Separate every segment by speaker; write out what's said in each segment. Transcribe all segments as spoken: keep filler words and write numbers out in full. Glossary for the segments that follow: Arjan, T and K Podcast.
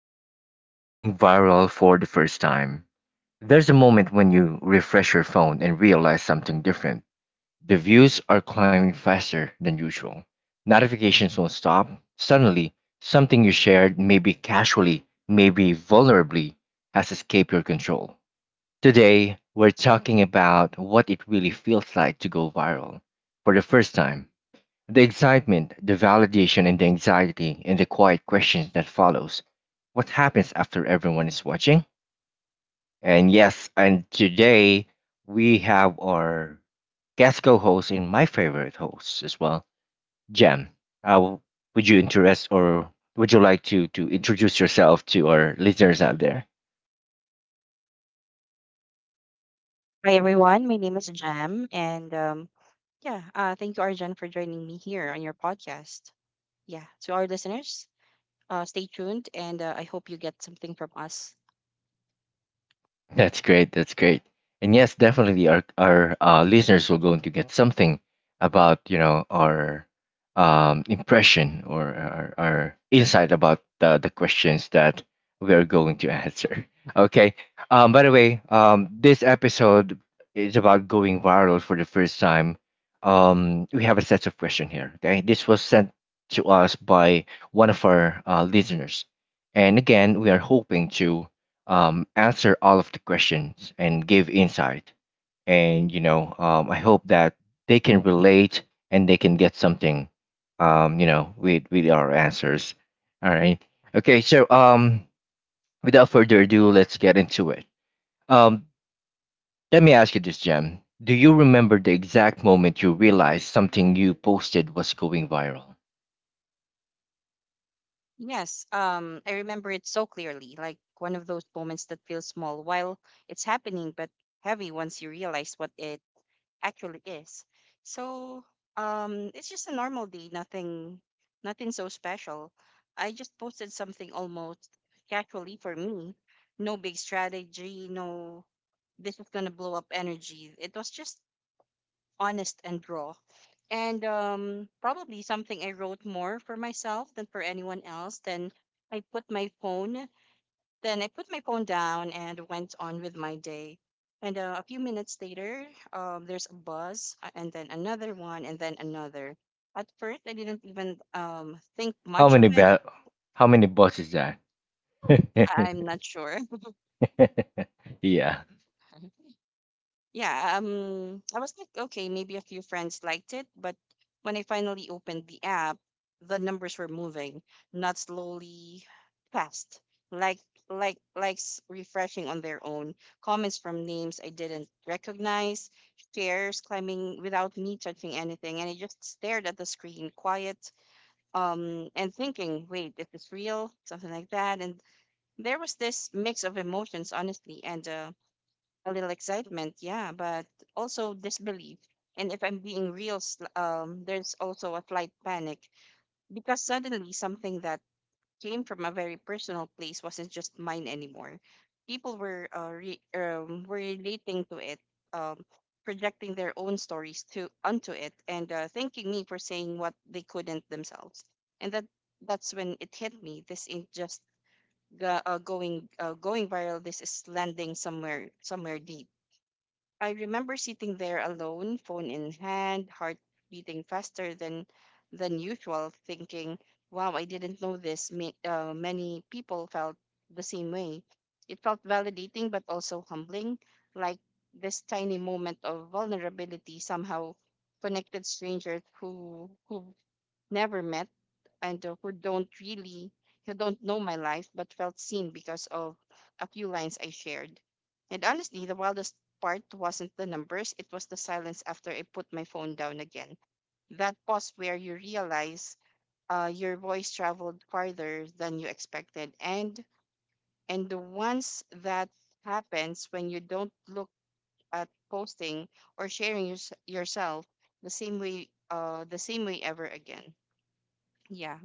Speaker 1: about going viral for the first time. There's a moment when you refresh your phone and realize something different. The views are climbing faster than usual. Notifications won't stop. Suddenly, something you shared, maybe casually, maybe vulnerably, has escaped your control. Today, we're talking about what it really feels like to go viral for the first time the excitement, the validation, and the anxiety, and the quiet questions that follows. What happens after everyone is watching? And yes, and today we have our guest co-host and my favorite host as well, Jem. How would you interest or would you like to to introduce yourself to our listeners out there?
Speaker 2: Hi everyone, my name is Jam, and um, yeah, uh, thank you Arjan for joining me here on your podcast. Yeah, to our listeners, uh, stay tuned, and uh, I hope you get something from us.
Speaker 1: That's great. That's great. And yes, definitely our our uh, listeners will going to get something about you know our um, impression or our, our insight about the, the questions that we are going to answer. Okay. Um, by the way, um, this episode is about going viral for the first time. Um, we have a set of question here. Okay. This was sent to us by one of our uh, listeners, and again, we are hoping to um, answer all of the questions and give insight. And you know, um, I hope that they can relate and they can get something, um, you know, with with our answers. All right. Okay. So um, without further ado, let's get into it. Um, let me ask you this, Jem. Do you remember the exact moment you realized something you posted was going viral?
Speaker 2: Yes, um, I remember it so clearly, like one of those moments that feels small while it's happening, but heavy once you realize what it actually is. So um, it's just a normal day, nothing, nothing so special. I just posted something almost casually for me. No big strategy, no this is gonna blow up energy. It was just honest and raw. And um, probably something I wrote more for myself than for anyone else. Then I put my phone then I put my phone down and went on with my day. And uh, a few minutes later, um, there's a buzz, uh, and then another one, and then another. At first, I didn't even um, think
Speaker 1: How
Speaker 2: much
Speaker 1: many
Speaker 2: of it.
Speaker 1: ba- How many bots is that?
Speaker 2: I- I'm not sure.
Speaker 1: yeah.
Speaker 2: Yeah, um, I was like, okay, maybe a few friends liked it, but when I finally opened the app, the numbers were moving, not slowly, fast, like like likes refreshing on their own, comments from names I didn't recognize, shares climbing without me touching anything, and I just stared at the screen, quiet, um, and thinking, wait, is this real? Something like that, and there was this mix of emotions, honestly, and uh, a little excitement, yeah, but also disbelief. And if I'm being real, sl- um, there's also a slight panic because suddenly something that came from a very personal place wasn't just mine anymore. People were uh, re- um, were relating to it, um, projecting their own stories to onto it, and uh, thanking me for saying what they couldn't themselves. And that that's when it hit me. This ain't just go- uh, going uh, going viral. This is landing somewhere somewhere deep. I remember sitting there alone, phone in hand, heart beating faster than than usual, thinking, "Wow, I didn't know this. Ma- Uh, many people felt the same way." It felt validating, but also humbling, like this tiny moment of vulnerability somehow connected strangers who who never met and uh, who don't really who don't know my life but felt seen because of a few lines I shared. And honestly, the wildest part wasn't the numbers, it was the silence after I put my phone down again. That pause where you realize uh, your voice traveled farther than you expected. And and once that happens, when you don't look at posting or sharing yours yourself the same way uh, the same way ever again. Yeah,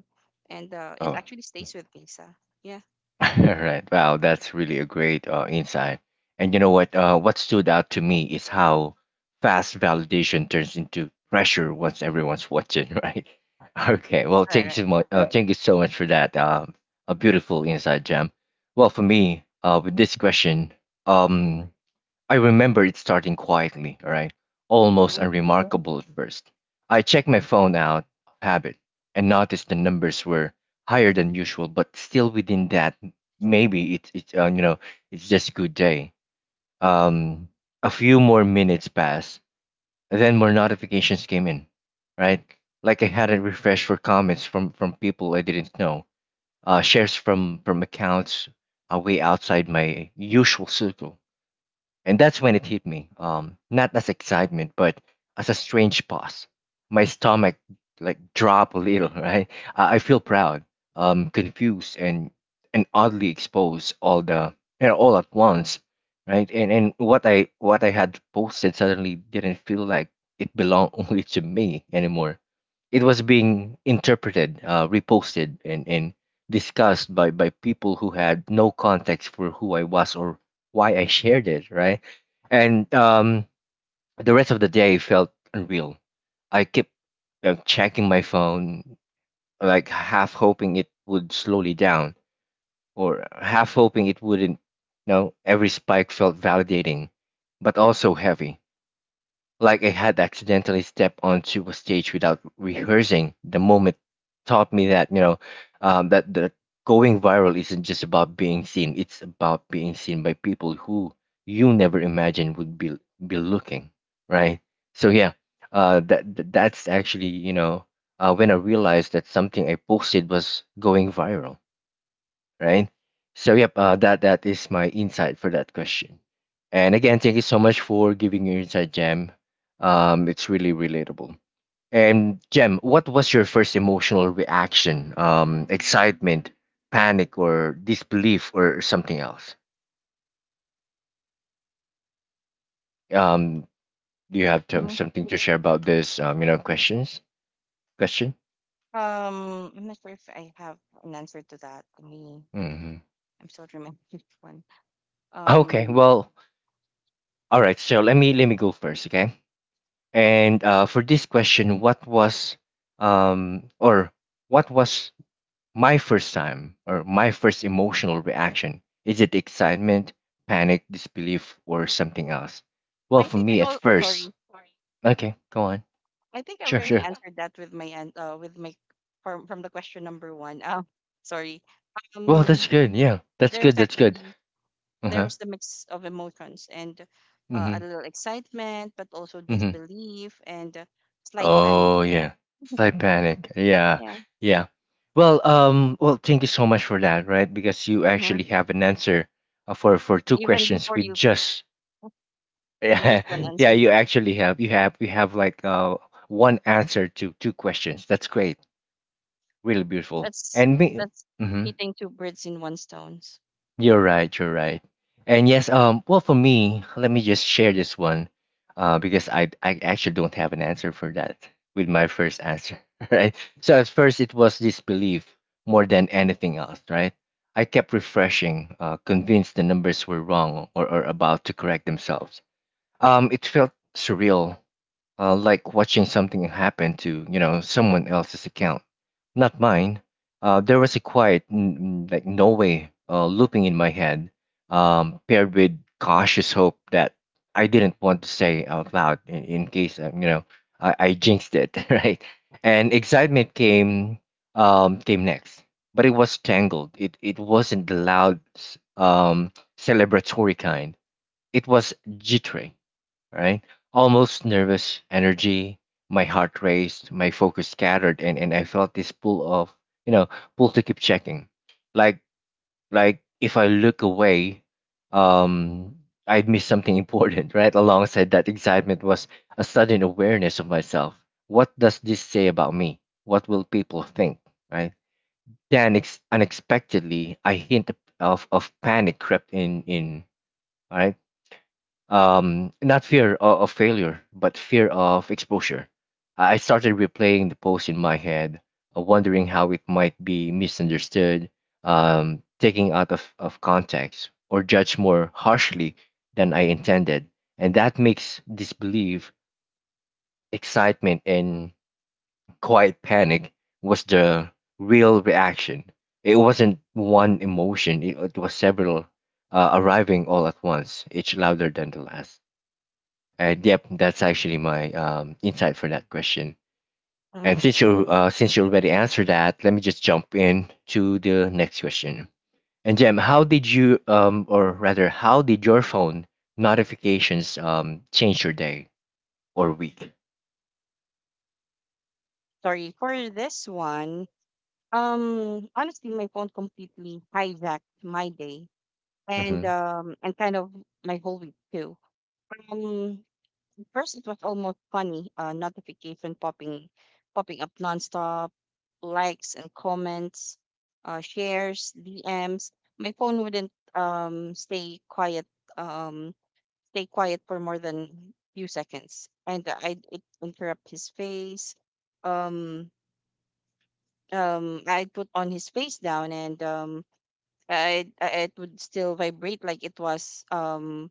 Speaker 2: and uh, it
Speaker 1: Oh.
Speaker 2: actually stays with me. So yeah,
Speaker 1: All right. Wow, that's really a great uh, insight. And you know what? Uh, what stood out to me is how fast validation turns into pressure once everyone's watching, right? Okay. Well,
Speaker 2: right,
Speaker 1: thank you,
Speaker 2: right.
Speaker 1: so much, uh, thank you so much for that. Uh, a beautiful insight, Jam. Well, for me, uh, with this question, um, I remember it starting quietly, all right? Almost
Speaker 2: You?
Speaker 1: unremarkable at first. I checked my phone out of habit and noticed the numbers were higher than usual, but still within that. Maybe it's it's uh, you know it's just a good day. Um, a few more minutes passed, and then more notifications came in, right? Like I hadn't refreshed for comments from from people I didn't know, uh, shares from from accounts uh, way outside my usual circle and that's when it hit me. Um, not as excitement, but as a strange pause. My stomach like drop a little, right? I, I feel proud, um, confused and and oddly exposed all the you know, all at once. Right. And and what I what I had posted suddenly didn't feel like it belonged only to me anymore. It was being interpreted, uh, reposted and, and discussed by, by people who had no context for who I was or why I shared it, right? And um, the rest of the day felt unreal. I kept uh, checking my phone, like half hoping it would slowly down, or half hoping it wouldn't. You know, every spike felt validating, but also heavy like I had accidentally stepped onto a stage without rehearsing. The moment taught me that you know um, that the going viral isn't just about being seen; it's about being seen by people who you never imagined would be be looking, right? So yeah, uh, that that- that's actually you know uh, when I realized that something I posted was going viral right? So yep, uh, that that is my insight for that question. And again, thank you so much for giving your insight, Jem. Um, it's really relatable. And Jem, what was your first emotional reaction? Um, excitement, panic, or disbelief, or something else? Um, do you have to,
Speaker 2: Mhm.
Speaker 1: something to share about this? Um, you know, questions, question.
Speaker 2: Um, I'm not sure if I have an answer to that. Let me.
Speaker 1: Hmm
Speaker 2: I'm still remembering which one.
Speaker 1: Okay.
Speaker 2: Um,
Speaker 1: Well, all right. So let me let me go first. Okay. And uh, for this question, what was um or what was my first time or my first emotional reaction? Is it excitement, panic, disbelief, or something else? Well,
Speaker 2: I
Speaker 1: for
Speaker 2: think
Speaker 1: me
Speaker 2: I
Speaker 1: at
Speaker 2: all
Speaker 1: first,
Speaker 2: sorry.
Speaker 1: okay, go on.
Speaker 2: I think I
Speaker 1: Sure,
Speaker 2: already
Speaker 1: sure.
Speaker 2: answered that with my an- uh with my from from the question number one. Um, sorry.
Speaker 1: Well, that's
Speaker 2: Um,
Speaker 1: good. Yeah, that's
Speaker 2: there
Speaker 1: good.
Speaker 2: was
Speaker 1: That's good.
Speaker 2: actually
Speaker 1: Uh
Speaker 2: there
Speaker 1: huh.
Speaker 2: was the mix of emotions and uh, a
Speaker 1: Mm
Speaker 2: little excitement, but also
Speaker 1: hmm.
Speaker 2: disbelief and uh, slight panic.
Speaker 1: Oh yeah, slight panic. Yeah,
Speaker 2: Yeah.
Speaker 1: yeah. Well, um, well, thank you so much for that, right? Because you
Speaker 2: Mm-hmm.
Speaker 1: actually have an answer uh, for for two
Speaker 2: Even
Speaker 1: questions.
Speaker 2: before
Speaker 1: We
Speaker 2: you.
Speaker 1: just
Speaker 2: Or just one
Speaker 1: yeah, yeah.
Speaker 2: answer.
Speaker 1: You actually have you have you have like uh one answer to two questions. That's great, really beautiful.
Speaker 2: That's
Speaker 1: And me,
Speaker 2: that's
Speaker 1: mhm.
Speaker 2: hitting two birds in one stones.
Speaker 1: You're right. You're right. And yes, um, well, for me, let me just share this one, uh, because I I actually don't have an answer for that with my first answer, right? So at first it was disbelief more than anything else, right? I kept refreshing, uh, convinced the numbers were wrong or or about to correct themselves. Um, it felt surreal, uh, like watching something happen to you know someone else's account not mine. Uh, there was a quiet, n- n- like no way, uh, looping in my head, um, paired with cautious hope that I didn't want to say out loud in, in case um, you know I, I jinxed it, right? And excitement came um, came next, but it was tangled. It it wasn't the loud, s- um, celebratory kind. It was jittery right? Almost nervous energy. My heart raced, my focus scattered, and, and I felt this pull of, you know, pull to keep checking. Like, like if I look away, um, I'd miss something important, right? Alongside that excitement was a sudden awareness of myself. What does this say about me? What will people think, right? Then ex- unexpectedly, I hint of, of panic crept in, in, right? Um, not fear of, of failure but fear of exposure. I I started replaying the post in my head, uh, wondering how it might be misunderstood, um, taken out of, of context or judged more harshly than I intended, and that makes disbelief, excitement, and quiet panic was the real reaction. It wasn't one emotion, it, it was several, uh, arriving all at once, each louder than the last. And yep, that's actually my um, insight for that question. And
Speaker 2: Mm.
Speaker 1: since you uh, since you already answered that, let me just jump in to the next question. And Jem, how did you um or rather how did your phone notifications um change your day or week?
Speaker 2: Sorry for this one. Um, honestly, my phone completely hijacked my day and um and kind of my whole week too. Um, at first it was almost funny. Uh, notification popping, popping up nonstop, likes and comments, uh, shares, D Ms. My phone wouldn't um stay quiet um stay quiet for more than few seconds, and I it interrupt his face. Um, um, I'd put on his face down, and um, I I- it would still vibrate like it was um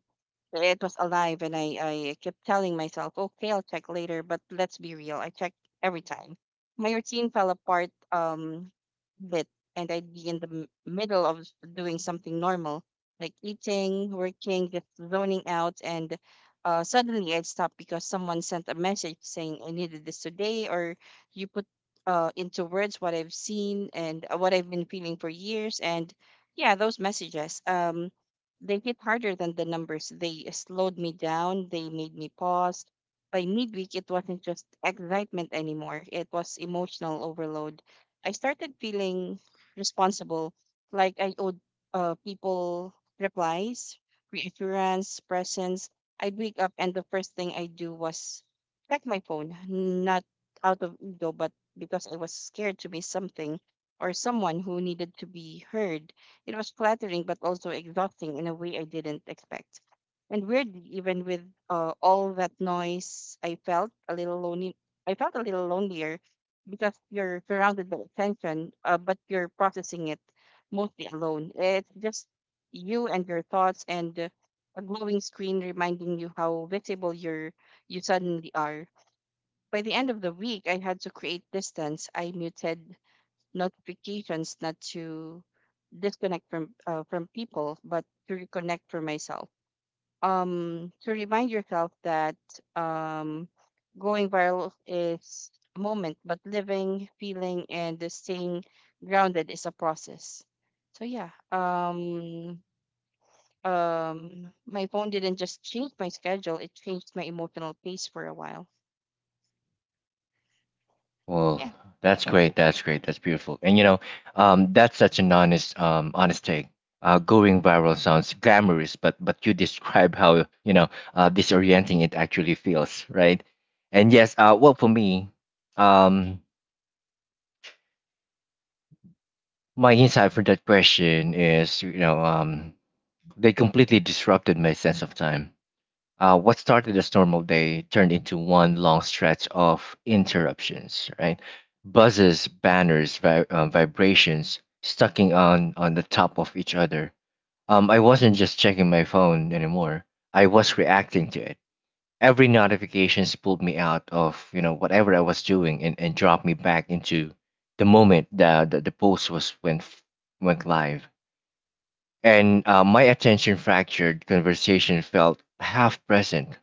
Speaker 2: it was alive, and I, I kept telling myself, okay, I'll check later, but let's be real. I checked every time. My routine fell apart um, bit, and I'd be in the m- middle of doing something normal, like eating, working, just zoning out, and uh, suddenly I'd stop because someone sent a message saying I needed this today, or you put uh, into words what I've seen and uh, what I've been feeling for years, and yeah, those messages. Um, they hit harder than the numbers. They slowed me down. They made me pause. By midweek, it wasn't just excitement anymore, it was emotional overload. I started feeling responsible, like I owed uh, people replies, reassurance, presence. I'd wake up, and the first thing I do was check my phone, not out of ego, but because I was scared to miss something or someone who needed to be heard. It was flattering, but also exhausting in a way I didn't expect. And weirdly, even with uh, all that noise, I felt a little lonely. I felt a little lonelier because you're surrounded by attention, uh, but you're processing it mostly alone. It's just you and your thoughts and uh, a glowing screen reminding you how visible you're, you suddenly are. By the end of the week, I had to create distance. I muted notifications not to disconnect from uh, from people but to reconnect for myself um to remind yourself that um going viral is a moment but living feeling and staying grounded is a process. So yeah um um my phone didn't just change my schedule, it changed my emotional pace for a while.
Speaker 1: Well,
Speaker 2: Yeah,
Speaker 1: that's
Speaker 2: it's my
Speaker 1: great.
Speaker 2: take.
Speaker 1: That's great. That's beautiful. And you know, um, that's such an honest, um, honest take. Uh, going viral sounds glamorous, but but you describe how you know uh, disorienting it actually feels, right? And yes, uh, well, for me, um, my insight for that question is, you know, um, they completely disrupted my sense of time. Uh, what started as normal day turned into one long stretch of interruptions, right? Buzzes, banners, vi- uh, vibrations stacking on, on the top of each other. Um, I wasn't just checking my phone anymore. I was reacting to it. Every notification pulled me out of you know whatever I was doing and, and dropped me back into the moment that the, the post was went f- went live. And uh, my attention fractured. Conversation felt half present,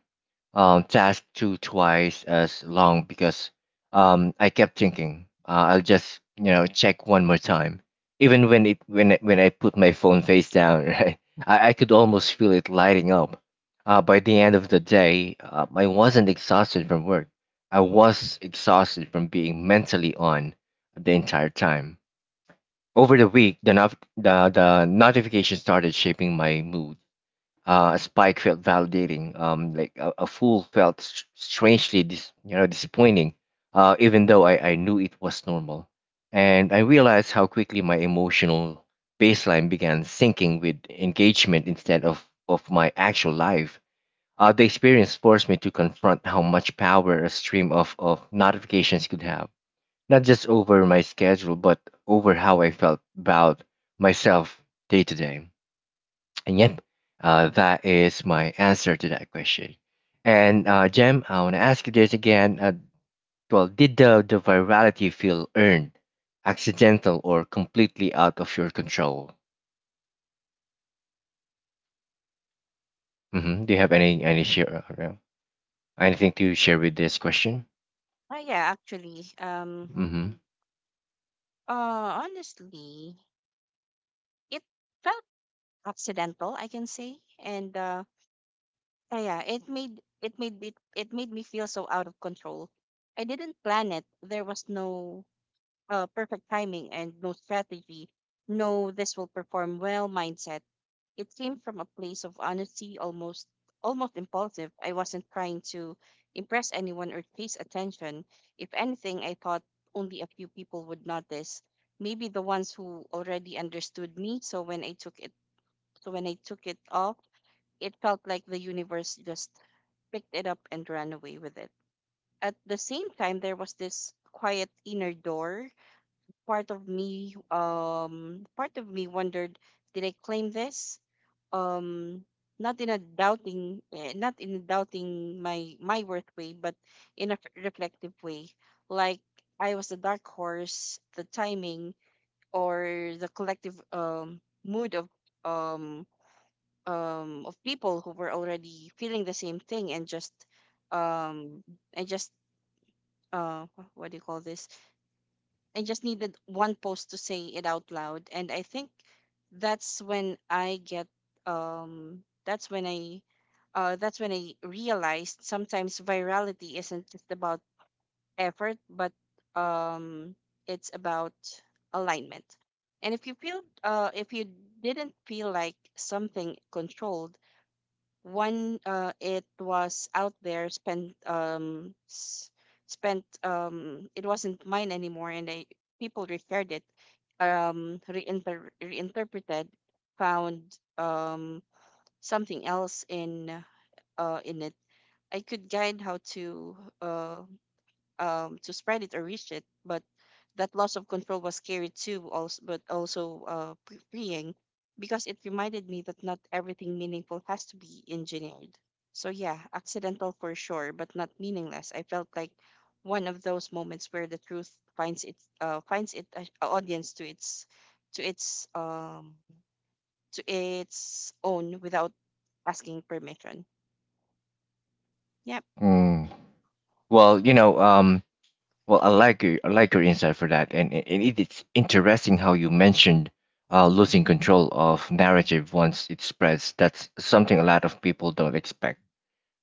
Speaker 1: um, task took twice as long because um, I kept thinking uh, I'll just you know check one more time. Even when it when I, when I put my phone face down, right, I, I could almost feel it lighting up. Uh, by the end of the day, uh, I wasn't exhausted from work. I was exhausted from being mentally on the entire time. Over the week, the, not- the the notification started shaping my mood, uh, a spike felt validating. Um, like a, a fool felt s- strangely, dis- you know, disappointing. Uh, even though I, I knew it was normal, and I realized how quickly my emotional baseline began sinking with engagement instead of of my actual life. Uh, the experience forced me to confront how much power a stream of of notifications could have, not just over my schedule, but over how I felt about myself day to day. And yep, uh, that is my answer to that question. And uh, Jem, I want to ask you this again. Uh, well, did the, the virality feel earned, accidental, or completely out of your control? Hmm. Do you have any any share uh, yeah, anything to share with this question?
Speaker 2: Oh yeah actually um
Speaker 1: Hmm.
Speaker 2: uh honestly, it felt accidental, I can say. And uh, yeah, yeah, it made it made me it made me feel so out of control. I didn't plan it. There was no uh, perfect timing and no strategy. No, this will perform well mindset. It came from a place of honesty, almost almost impulsive. I wasn't trying to impress anyone or chase attention. If anything, I thought only a few people would notice. Maybe the ones who already understood me. So when I took it, so when I took it off, it felt like the universe just picked it up and ran away with it. At the same time, there was this quiet inner door. Part of me, um, part of me wondered, did I claim this? Um, Not in a doubting, eh, not in a doubting my my worth way, but in a f- reflective way, like I was the dark horse, the timing, or the collective um mood of um um of people who were already feeling the same thing and just um and just uh wh- what do you call this. I just needed one post to say it out loud and I think that's when i get um that's when i uh that's when I realized sometimes virality isn't just about effort but um it's about alignment. And if you feel uh if you didn't feel like something controlled one, uh, it was out there, spent, um, s- spent, um, it wasn't mine anymore, and I, people referred it, um, reinter- reinterpreted, found, um, something else in, uh, in it. I could guide how to, uh, um, to spread it or reach it. But that loss of control was scary too, also, but also uh, pre- freeing because it reminded me that not everything meaningful has to be engineered. So, yeah, accidental for sure, but not meaningless. I felt like one of those moments where the truth finds its uh, finds it a- a audience to its to its um to its own without asking permission. Yep.
Speaker 1: Mm. Well, you know, um, well, I like your, I like your insight for that, and, and it, it's interesting how you mentioned uh, losing control of narrative once it spreads. That's something a lot of people don't expect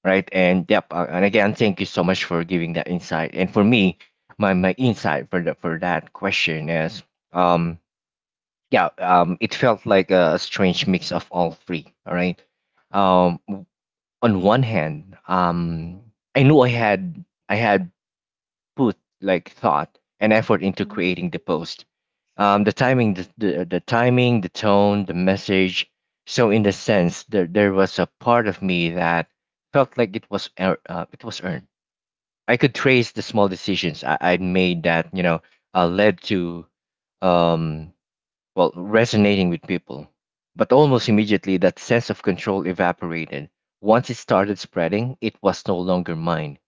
Speaker 1: right? And yep, uh, and again, thank you so much for giving that insight. And for me, my my insight for the, for that question is, um, yeah, um, it felt like a strange mix of all three. All right. Um, w- on one hand, um, I knew I had I had put like thought and effort into
Speaker 2: Mhm.
Speaker 1: creating the post. Um, the timing, the, the the timing, the tone, the message. So in the sense, there there was a part of me that felt like it was ear- uh, it was earned. I could trace the small decisions I, I'd made that you know uh, led to um well, resonating with people. But almost immediately, that sense of control evaporated. Once it started spreading, it was no longer mine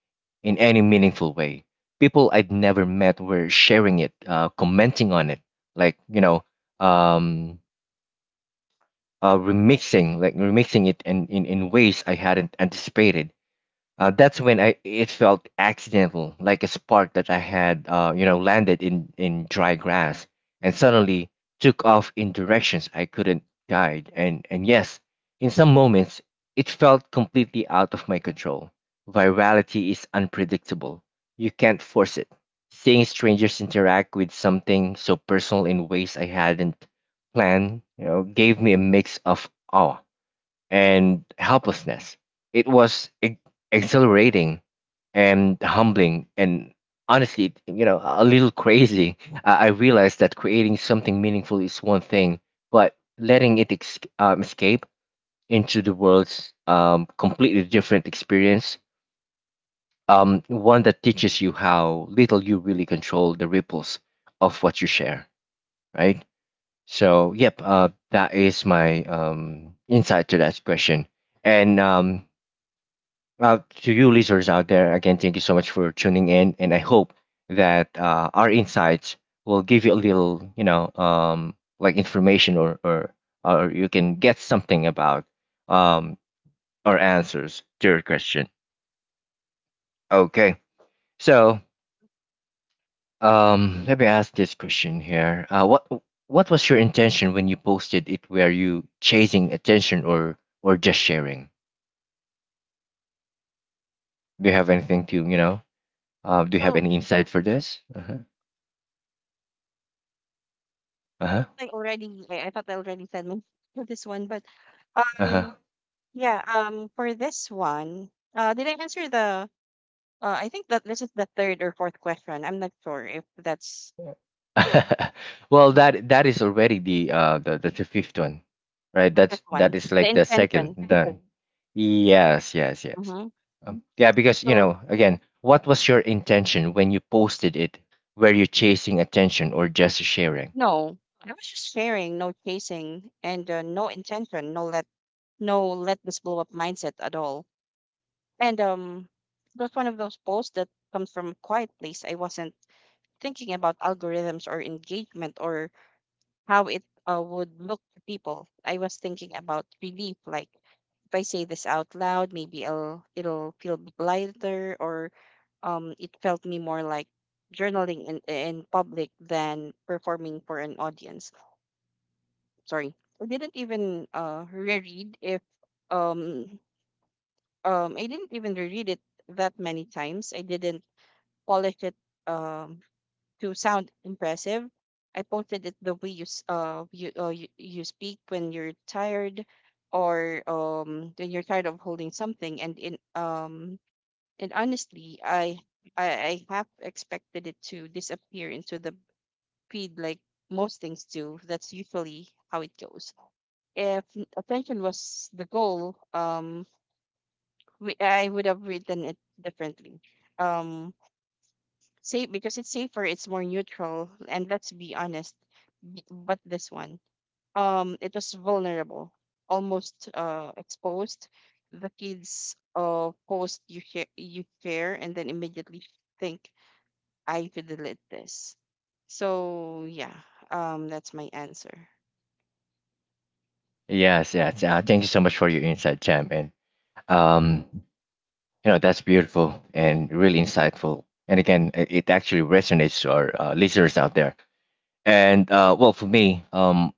Speaker 1: in any meaningful way. People I'd never met were sharing it, uh, commenting on it, like, you know, um, uh, remixing, like remixing it in, in, in ways I hadn't anticipated. Uh, that's when I it felt accidental, like a spark that I had, uh, you know, landed in in dry grass and suddenly took off in directions I couldn't guide. And and yes, in some moments it felt completely out of my control. Virality is unpredictable. You can't force it. Seeing strangers interact with something so personal in ways I hadn't planned, you know, gave me a mix of awe and helplessness. It was ex- exhilarating and humbling and honestly, you know, a little crazy. I, I realized that creating something meaningful is one thing, but letting it ex- um, escape into the world's um, completely different experience, um, one that teaches you how little you really control the ripples of what you share, right? So, yep, uh, that is my um, insight to that question. And um, Uh, to you listeners out there, again, thank you so much for tuning in, and I hope that uh, our insights will give you a little, you know, um, like information or or or you can get something about um our answers to your question. Okay, so um, let me ask this question here. Uh, what what was your intention when you posted it? Were you chasing attention or or just sharing? Do you have anything to you know? Uh, do you have
Speaker 2: So
Speaker 1: any insight for this? Uh huh. Uh huh.
Speaker 2: I already I, I thought I already said my for this one, but
Speaker 1: Uh huh.
Speaker 2: um yeah, um for this one, uh did I answer the uh I think that this is the third or fourth question. I'm not sure if that's
Speaker 1: Well, that that is already the uh the, the the fifth one, right?
Speaker 2: the
Speaker 1: That's
Speaker 2: fifth
Speaker 1: that
Speaker 2: one.
Speaker 1: is
Speaker 2: The
Speaker 1: like the
Speaker 2: intention.
Speaker 1: second done. Yes, yes, yes.
Speaker 2: Mm-hmm.
Speaker 1: Um, yeah, because you
Speaker 2: So
Speaker 1: know, again, what was your intention when you posted it? Were you chasing attention or just sharing?
Speaker 2: no, I was just sharing, no chasing and uh, no intention, no let no let this blow up mindset at all. And um it was one of those posts that comes from a quiet place. I wasn't thinking about algorithms or engagement or how it uh, would look to people. I was thinking about relief, like if I say this out loud, maybe I'll it'll feel b- lighter, or um, it felt me more like journaling in in public than performing for an audience. Sorry, I didn't even uh reread if um um I didn't even reread it that many times. I didn't polish it um to sound impressive. I posted it the way you s- uh you uh, you, you speak when you're tired, or um when you're tired of holding something. And in um and honestly, I I, I have expected it to disappear into the feed like most things do. That's usually how it goes. If n- attention was the goal, um, we, I would have written it differently. Um, Safe because it's safer, it's more neutral, and let's be honest, b- but this one, um, it was vulnerable, almost uh exposed. The kids uh post you share you share and then immediately think I should delete this. So yeah, um, that's my answer.
Speaker 1: Yes, yes. Uh, thank you so much for your insight, Jam, and um, you know that's beautiful and really insightful. And again, i- it actually resonates to our uh, listeners out there. And uh, well, for me, um,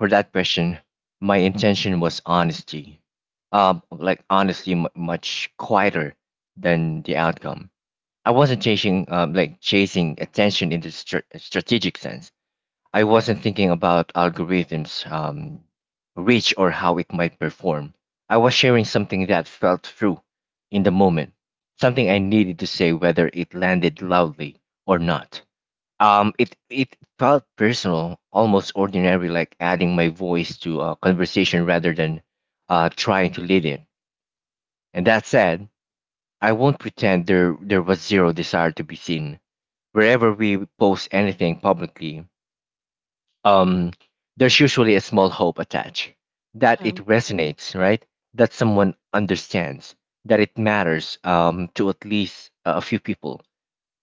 Speaker 1: for that question. My intention was honesty, um, like honesty, m- much quieter than the outcome. I wasn't chasing, um, like chasing attention in the str- strategic sense. I wasn't thinking about algorithms, um, reach or how it might perform. I was sharing something that felt true in the moment, something I needed to say, whether it landed loudly or not. Um, it it felt personal, almost ordinary, like adding my voice to a conversation rather than uh, trying to lead it. And that said, I won't pretend there there was zero desire to be seen. Wherever we post anything publicly, um, there's usually a small hope attached that it
Speaker 2: Mhm.
Speaker 1: resonates, right? That someone understands that it matters um, to at least a few people.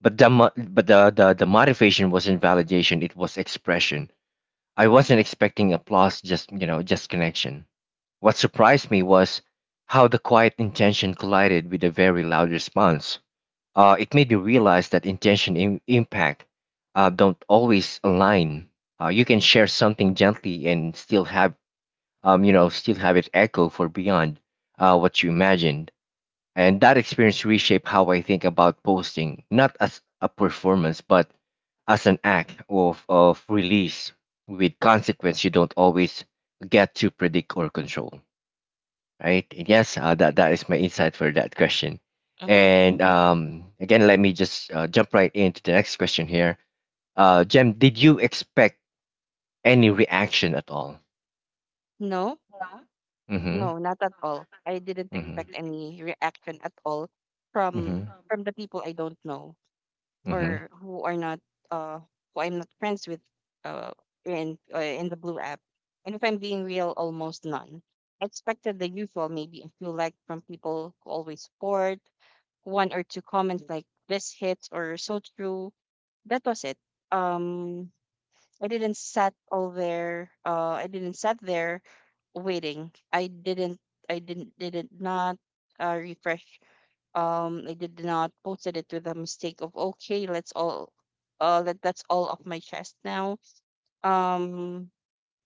Speaker 1: But the mo- but the, the the motivation wasn't validation; it was expression. I wasn't expecting applause, just you know, just connection. What surprised me was how the quiet intention collided with a very loud response. Uh, it made me realize that intention im- impact uh, don't always align. Uh, you can share something gently and still have um, you know still have it echo for beyond uh, what you imagined. And that experience reshaped how I think about posting, not as a performance, but as an act of, of release with consequence you don't always get to predict or control. Right? And yes, uh, that,
Speaker 2: You
Speaker 1: that
Speaker 2: agree.
Speaker 1: is my insight for that question.
Speaker 2: Mhm.
Speaker 1: And um, again, let me just uh, jump right into the next question here. Uh, Jem, did you expect any reaction at all?
Speaker 2: No,
Speaker 1: Mm-hmm.
Speaker 2: no, not at all. I didn't
Speaker 1: Mm-hmm.
Speaker 2: expect any reaction at all
Speaker 1: Mm-hmm.
Speaker 2: from from the people I don't know,
Speaker 1: Mm-hmm.
Speaker 2: or who are not uh who I'm not friends with uh in uh, in the blue app. And if I'm being real, almost none. I expected the usual, maybe a few likes from people who always support, one or two comments like this hits or so true. That was it. Um, I didn't sat all there. Uh, I didn't sat there waiting. I didn't. I didn't. Didn't not uh, refresh. um I did not posted it with a mistake of okay, let's all uh let that's all off my chest now. Um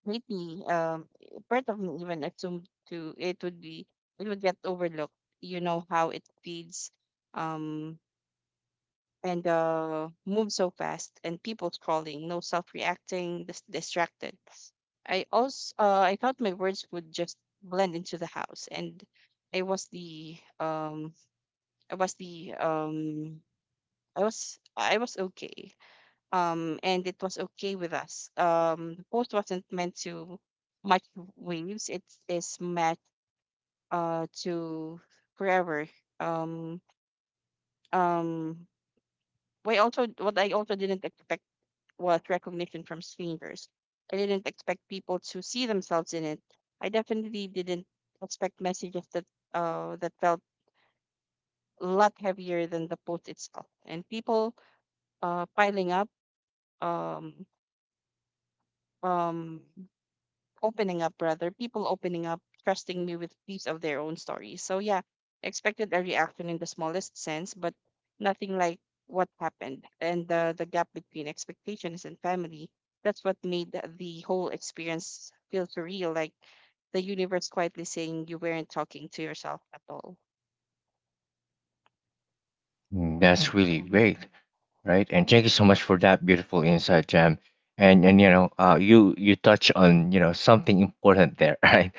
Speaker 2: Maybe um part of me even assumed to it would be it would get overlooked. You know how it feeds um and uh moves so fast and people scrolling, no self reacting, dis- distracted. I also uh, I thought my words would just blend into the house. And I was the um I was the um I was I was okay. Um, and it was okay with us. Um, the post wasn't meant to match waves. It is meant uh to forever. Um, um, we also what I also didn't expect was recognition from strangers. I didn't expect people to see themselves in it. I definitely didn't expect messages that uh that felt a lot heavier than the post itself. And people uh piling up um um opening up, rather people opening up, trusting me with piece of their own stories. So yeah, expected a reaction in the smallest sense, but nothing like what happened. And the the gap between expectations and family, that's what made the the whole experience feel surreal, like the universe quietly saying you weren't talking to yourself at all.
Speaker 1: Mm. That's really
Speaker 2: Mhm,
Speaker 1: great. Right? And thank you so much for that beautiful insight, Jam. And and you know, uh, you you touch on you know something important there, right?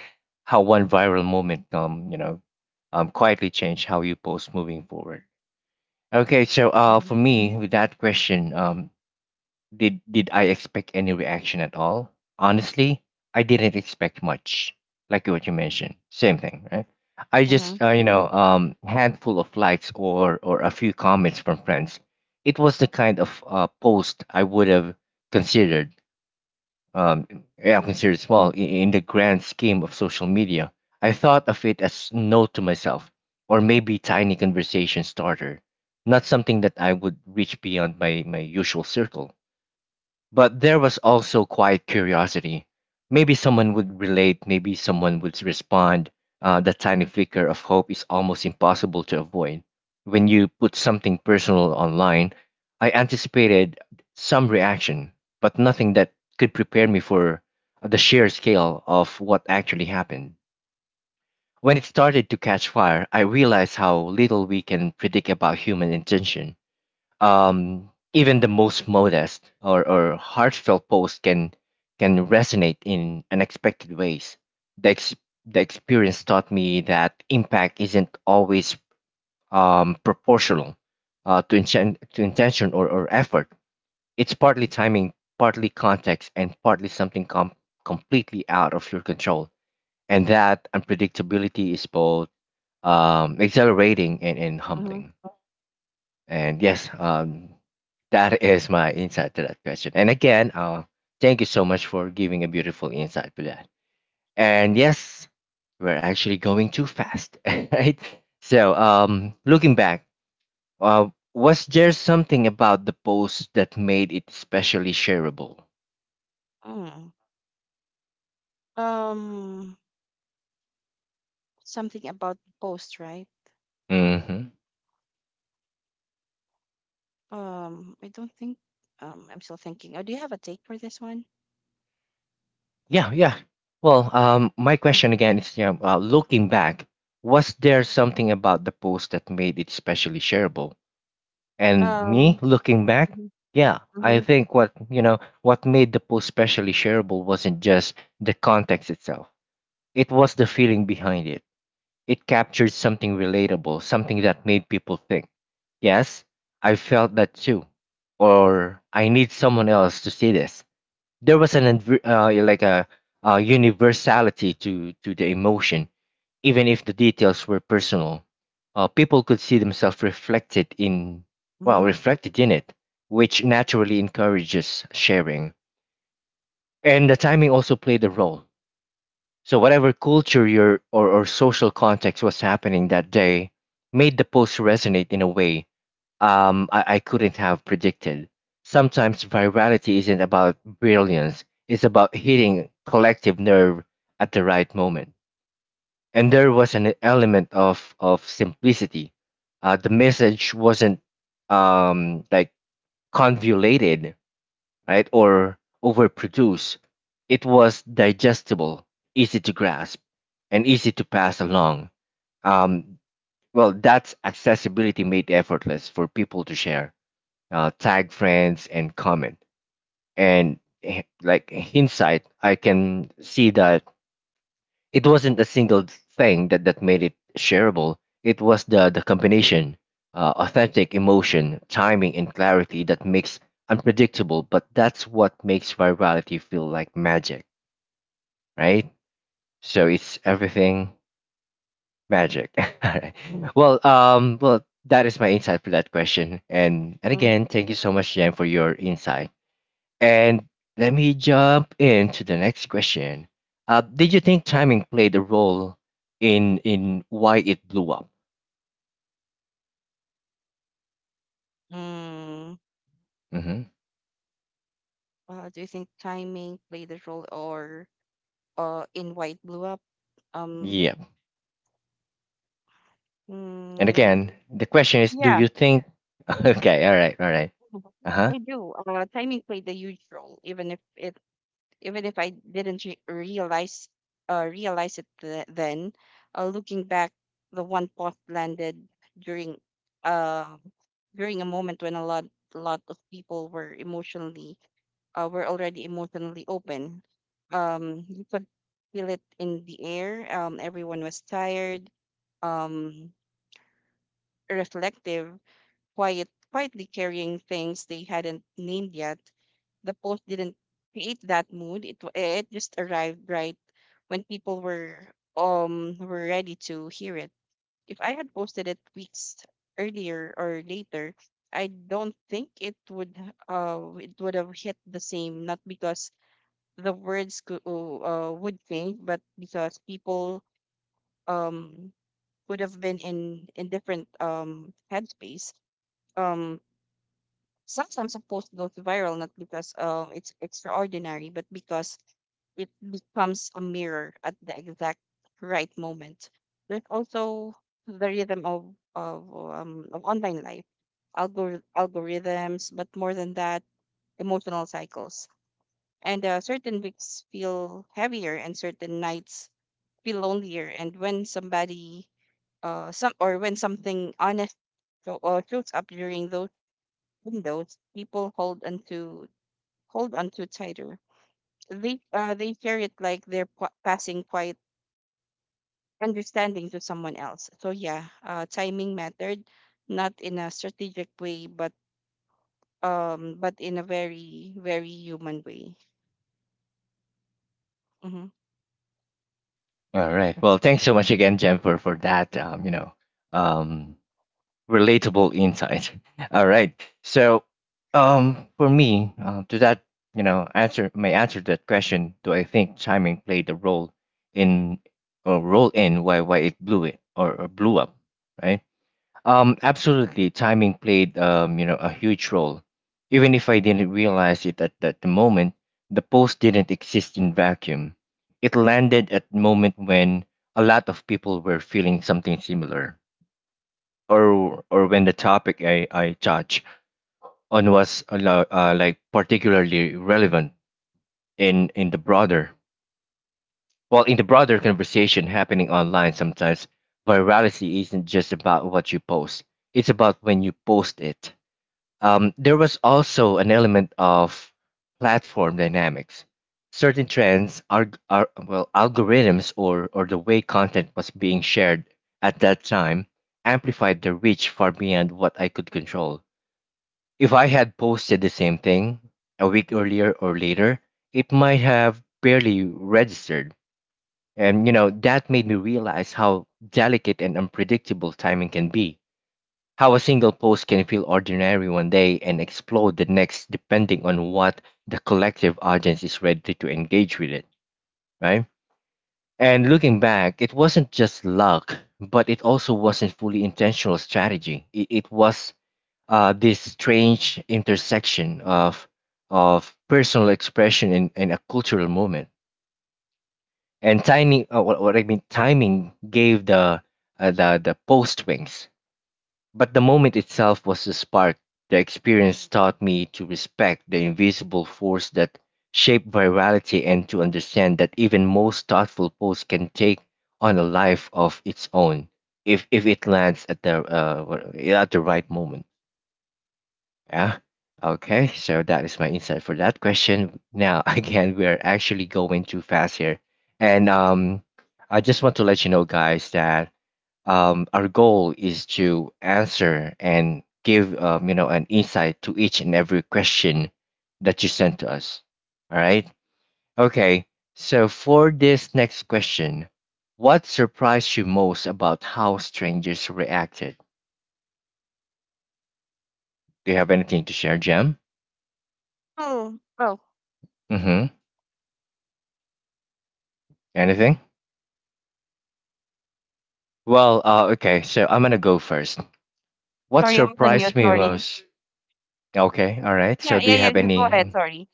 Speaker 1: How one viral moment, um, you know, um, quietly change how you post moving forward. Okay, so uh,
Speaker 2: mhm,
Speaker 1: for me with that question, um, did did I expect any reaction at all? Honestly, I didn't expect much. Like what you mentioned, same thing, right? I
Speaker 2: mhm,
Speaker 1: just uh, you know um handful of likes or or a few comments from friends. It was the kind of uh, post I would have considered um yeah
Speaker 2: mhm,
Speaker 1: considered small in, in the grand scheme of social media. I thought of it as note to myself or maybe tiny conversation starter, not something that I would reach beyond my my usual circle but there was also quiet curiosity. Maybe someone would relate, maybe someone would respond. Uh, that tiny flicker of hope is almost impossible to avoid. When you put something personal online, I anticipated some reaction, but nothing that could prepare me for the sheer scale of what actually happened. When it started to catch fire, I realized how little we can predict about human intention. Um, even the most modest or, or heartfelt post can can resonate in unexpected ways. The, ex- the experience taught me that impact isn't always um, proportional uh, to, inten- to intention or, or effort. It's partly timing, partly context, and partly something com- completely out of your control. And that unpredictability is both um, exhilarating and, and
Speaker 2: mhm,
Speaker 1: humbling. And yes, um, that is my insight to that question. And again, uh, thank you so much for giving a beautiful insight to that. And yes, we're actually going too fast, right? So, um, looking back, uh, was there something about the post that made it especially shareable?
Speaker 2: mhm. um Something about the post, right?
Speaker 1: Hmm.
Speaker 2: Um, I don't think. Um, I'm still thinking. Oh, do you have a take for this one?
Speaker 1: Yeah, yeah. Well, um, my question again is, you know, uh, looking back, was there something about the post that made it especially shareable? And me
Speaker 2: Um.
Speaker 1: looking back,
Speaker 2: Mhm,
Speaker 1: yeah, I
Speaker 2: mhm,
Speaker 1: think what you know what made the post specially shareable wasn't just the context itself. It was the feeling behind it. It captured something relatable, something that made people think, yes, I felt that too, or I need someone else to see this. There was an adver- uh, like a, a universality to to the emotion, even if the details were personal, uh, people could see themselves reflected in well
Speaker 2: mhm,
Speaker 1: reflected in it, which naturally encourages sharing. And the timing also played a role. So whatever culture your or, or social context was happening that day made the post resonate in a way um, I, I couldn't have predicted. Sometimes virality isn't about brilliance; it's about hitting collective nerve at the right moment, and there was an element of of simplicity. Uh, the message wasn't um, like convoluted, right, or overproduced. It was digestible, easy to grasp, and easy to pass along. Um, well, that's accessibility made effortless for people to share, uh, tag friends, and comment. And eh, like hindsight, I can see that it wasn't a single thing that, that made it shareable. It was the, the combination, uh, authentic emotion, timing, and clarity that makes unpredictable, but that's what makes virality feel like magic, right? So it's everything magic. Alright. Well, um, well, that is my insight for that question. And and
Speaker 2: mhm.
Speaker 1: again, thank you so much, Jen, for your insight. And let me jump into the next question. Uh, did you think timing played a role in in why it blew up?
Speaker 2: Mm.
Speaker 1: Mm-hmm.
Speaker 2: Uh, do you think timing played a role, or uh, in why blew up? Um.
Speaker 1: Yeah. And
Speaker 2: Mm,
Speaker 1: again, the question is, do
Speaker 2: yeah,
Speaker 1: you think? Okay. All right. All right. Uh huh.
Speaker 2: I do. Uh, timing played a huge role, even if it, even if I didn't re- realize, uh, realize it th- then. Uh, looking back, the one post landed during, um, during a moment when a lot lot of people were emotionally uh, were already emotionally open. Um, you could feel it in the air. Um, everyone was tired, um, reflective, quiet, quietly carrying things they hadn't named yet. The post didn't create that mood. It wa- it just arrived right when people were um were ready to hear it. If I had posted it weeks earlier or later, I don't think it would uh it would have hit the same, not because the words could, uh, would change, but because people um would have been in in different um headspace. Um Sometimes a post goes viral not because um it's extraordinary, but because it becomes a mirror at the exact right moment. There's also the rhythm of of um of online life, algor- algorithms, but more than that, emotional cycles. And uh, certain weeks feel heavier, and certain nights feel lonelier. And when somebody, uh, some or when something honest so, uh, shows up during those windows, people hold onto hold onto tighter. They uh they carry it like they're p- passing quiet understanding to someone else. So yeah, uh, timing mattered, not in a strategic way, but um, but in a very very human way. Mm-hmm.
Speaker 1: All right. Well, thanks so much again, Jen, for for that. Um, you know, um, Relatable insight. All right. So, um, for me, uh, to that, you know, answer my answer to that question. Do I think timing played a role in or role in why why it blew it or, or blew up, right? Um, absolutely, timing played um, you know, a huge role. Even if I didn't realize it at at the moment, the post didn't exist in vacuum. It landed at the moment when a lot of people were feeling something similar or or when the topic I, I touch on was a lo- uh, like particularly relevant in in the broader well in the broader conversation happening online. Sometimes virality isn't just about what you post, it's about when you post it. Um, there was also an element of platform dynamics. Certain trends are, are well algorithms or or the way content was being shared at that time amplified the reach far beyond what I could control. If I had posted the same thing a week earlier or later, it might have barely registered. And you know, that made me realize how delicate and unpredictable timing can be. How a single post can feel ordinary one day and explode the next depending on what the collective audience is ready to engage with it, right? And looking back, it wasn't just luck, but it also wasn't fully intentional strategy. It, it was uh, this strange intersection of of personal expression and, and a cultural moment. And timing, uh, what, what I mean, timing gave the uh, the the post wings, but the moment itself was the spark. The experience taught me to respect the invisible force that shaped virality and to understand that even most thoughtful posts can take on a life of its own if if it lands at the uh, at the right moment. Yeah. Okay. So that is my insight for that question. Now, again, we're actually going too fast here. And um, I just want to let you know, guys, that um, our goal is to answer and give um, you know an insight to each and every question that you sent to us. All right. Okay. So for this next question, what surprised you most about how strangers reacted? Do you have anything to share, Jem?
Speaker 2: Oh oh,
Speaker 1: Mm-hmm. Anything? Well, uh, okay, so I'm gonna go first. What
Speaker 2: sorry, I was on mute.
Speaker 1: surprised me
Speaker 2: Sorry.
Speaker 1: most? Okay, all right.
Speaker 2: Yeah
Speaker 1: So do
Speaker 2: yeah
Speaker 1: you
Speaker 2: yeah.
Speaker 1: have
Speaker 2: You go
Speaker 1: any?
Speaker 2: ahead.
Speaker 1: um,
Speaker 2: Sorry.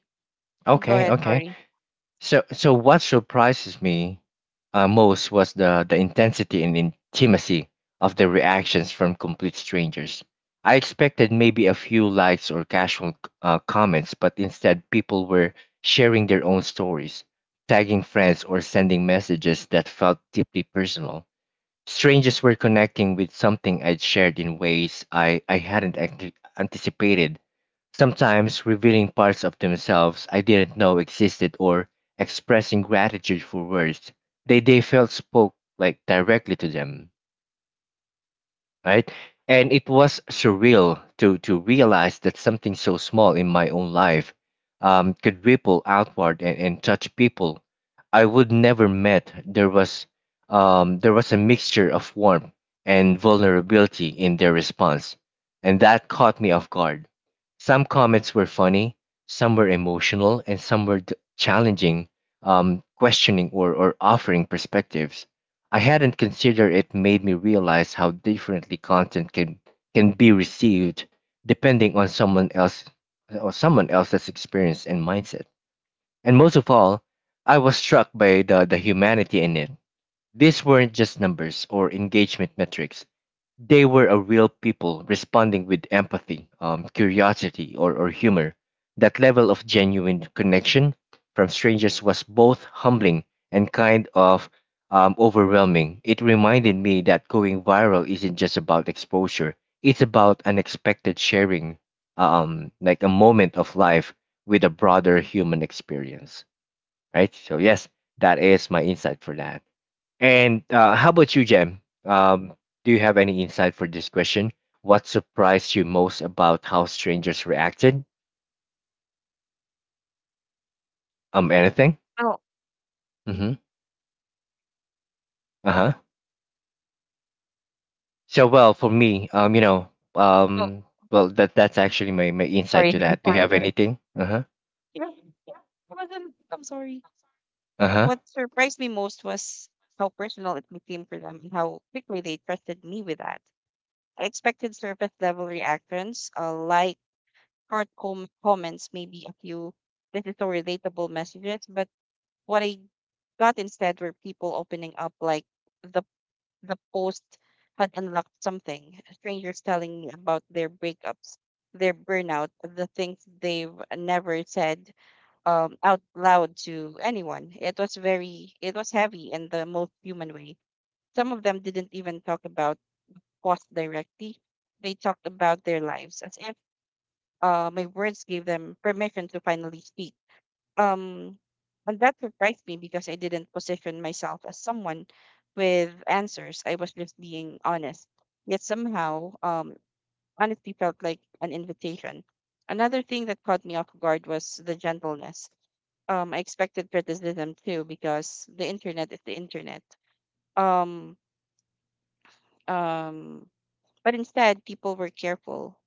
Speaker 2: Go
Speaker 1: Okay,
Speaker 2: ahead.
Speaker 1: okay.
Speaker 2: Sorry.
Speaker 1: So so what surprises me uh, most was the the intensity and intimacy of the reactions from complete strangers. I expected maybe a few likes or casual uh, comments, but instead people were sharing their own stories, tagging friends, or sending messages that felt deeply personal. Strangers were connecting with something I'd shared in ways I, I hadn't ant- anticipated, sometimes revealing parts of themselves I didn't know existed or expressing gratitude for words they, they felt spoke like directly to them, right? And it was surreal to to realize that something so small in my own life um, could ripple outward and, and touch people I would never met. There was um, there was a mixture of warmth and vulnerability in their response, and that caught me off guard. Some comments were funny, some were emotional, and some were d- challenging, um, questioning or, or offering perspectives I hadn't considered. It made me realize how differently content can can be received depending on someone else or someone else's experience and mindset. And most of all, I was struck by the, the humanity in it. These weren't just numbers or engagement metrics. They were a real people responding with empathy, um, curiosity, or, or humor. That level of genuine connection from strangers was both humbling and kind of um, overwhelming. It reminded me that going viral isn't just about exposure, it's about unexpected sharing, um, like a moment of life with a broader human experience. Right? So, yes, that is my insight for that. And uh, how about you, Jem? Um, do you have any insight for this question? What surprised you most about how strangers reacted? Um, anything?
Speaker 2: Oh
Speaker 1: Mm-hmm. Uh huh. So, well, for me, um, you know,
Speaker 2: so
Speaker 1: um, well, that that's actually my my insight
Speaker 2: sorry
Speaker 1: to
Speaker 2: sorry.
Speaker 1: that. Do you have anything? Uh huh.
Speaker 2: Yeah, I wasn't. I'm sorry.
Speaker 1: Uh huh.
Speaker 2: What surprised me most was how personal it became for them and how quickly they trusted me with that. I expected surface level reactions, uh, like hard com- comments, maybe a few this is so relatable messages, but what I got instead were people opening up, like the the post had unlocked something, strangers telling me about their breakups, their burnout, the things they've never said um out loud to anyone. It was very it was heavy in the most human way. Some of them didn't even talk about cost directly. They talked about their lives as if uh my words gave them permission to finally speak. Um and that surprised me because I didn't position myself as someone with answers. I was just being honest. Yet somehow, um, honesty felt like an invitation. Another thing that caught me off guard was the gentleness. um I expected criticism too because the internet is the internet. Um um but instead people were careful,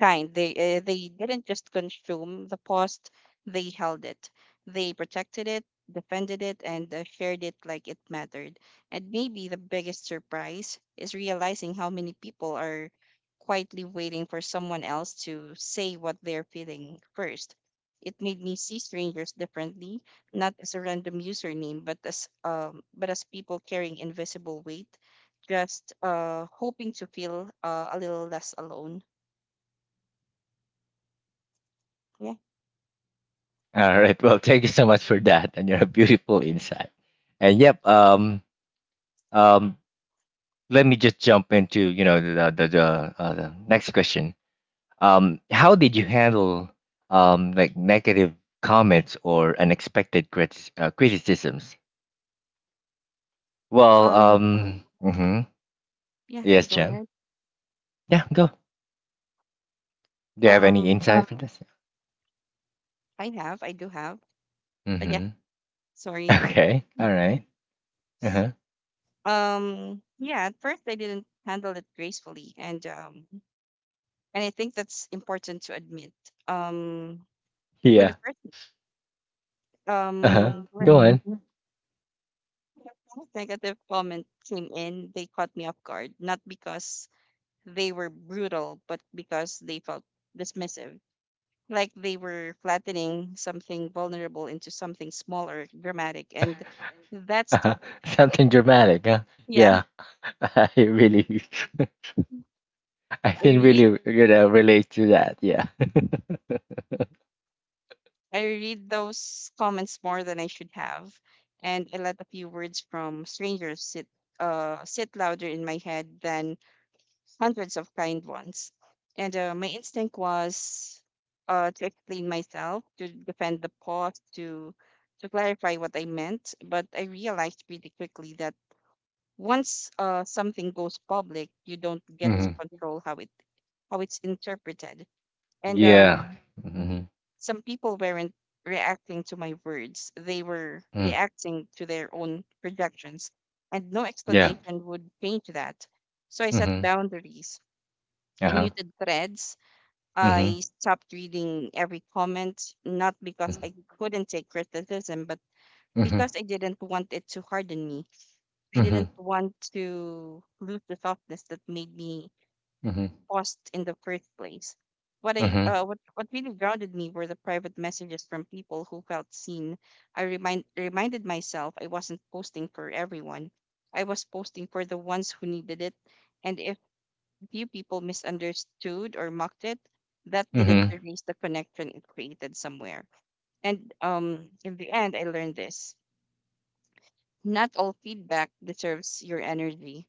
Speaker 2: kind. They uh, they didn't just consume the post; they held it, they protected it, defended it, and uh, shared it like it mattered. And maybe the biggest surprise is realizing how many people are quietly waiting for someone else to say what they're feeling first. It made me see strangers differently, not as a random username, but as um, but as people carrying invisible weight, just uh, hoping to feel uh, a little less alone. Yeah.
Speaker 1: All right. Well, thank you so much for that and your beautiful insight. And yep. Um. Um. Let me just jump into you know the the the, uh, the next question. Um, how did you handle um, like negative comments or unexpected crit- uh, criticisms? Well,
Speaker 2: Um,
Speaker 1: um, hmm
Speaker 2: yeah,
Speaker 1: yes,
Speaker 2: you go
Speaker 1: Jim.
Speaker 2: ahead.
Speaker 1: Yeah, go. Do you have any
Speaker 2: Um,
Speaker 1: insight for this?
Speaker 2: I have, I do have, but yeah,
Speaker 1: Mm-hmm.
Speaker 2: sorry.
Speaker 1: Okay. All right. Uh huh.
Speaker 2: Um, yeah, at first I didn't handle it gracefully, and um, and I think that's important to admit. Um, when the
Speaker 1: Yeah.
Speaker 2: first
Speaker 1: Uh huh.
Speaker 2: um when
Speaker 1: Go
Speaker 2: the
Speaker 1: on.
Speaker 2: first negative comment came in, they caught me off guard, not because they were brutal, but because they felt dismissive, like they were flattening something vulnerable into something small or dramatic. And that
Speaker 1: Uh-huh.
Speaker 2: stuff,
Speaker 1: Something dramatic, huh?
Speaker 2: yeah,
Speaker 1: Yeah. I really, I
Speaker 2: I
Speaker 1: can
Speaker 2: read
Speaker 1: really, you know, relate to that. Yeah.
Speaker 2: i read those comments more than I should have, and I let a few words from strangers sit uh sit louder in my head than hundreds of kind ones. And uh, my instinct was uh to explain myself, to defend the pause, to to clarify what I meant. But I realized pretty quickly that once uh, something goes public, you don't get to
Speaker 1: Mhm.
Speaker 2: control how it how it's interpreted. And
Speaker 1: Yeah.
Speaker 2: um,
Speaker 1: Mhm.
Speaker 2: some people weren't reacting to my words; they were
Speaker 1: Mm.
Speaker 2: reacting to their own projections, and no
Speaker 1: Yeah.
Speaker 2: explanation would change that. So I set
Speaker 1: Mhm.
Speaker 2: boundaries. I
Speaker 1: Uh-huh.
Speaker 2: muted threads.
Speaker 1: Mhm.
Speaker 2: I stopped reading every comment, not because I couldn't take criticism, but
Speaker 1: Mhm.
Speaker 2: because I didn't want it to harden me. I
Speaker 1: Mhm.
Speaker 2: didn't want to lose the softness that made me
Speaker 1: Mhm.
Speaker 2: paused in the first place. What I
Speaker 1: Mhm.
Speaker 2: uh, what what really grounded me were the private messages from people who felt seen. I remind reminded myself I wasn't posting for everyone. I was posting for the ones who needed it, and if few people misunderstood or mocked it, that didn't
Speaker 1: Mhm.
Speaker 2: erase the connection it created somewhere. And um, in the end, I learned this. Not all feedback deserves your energy.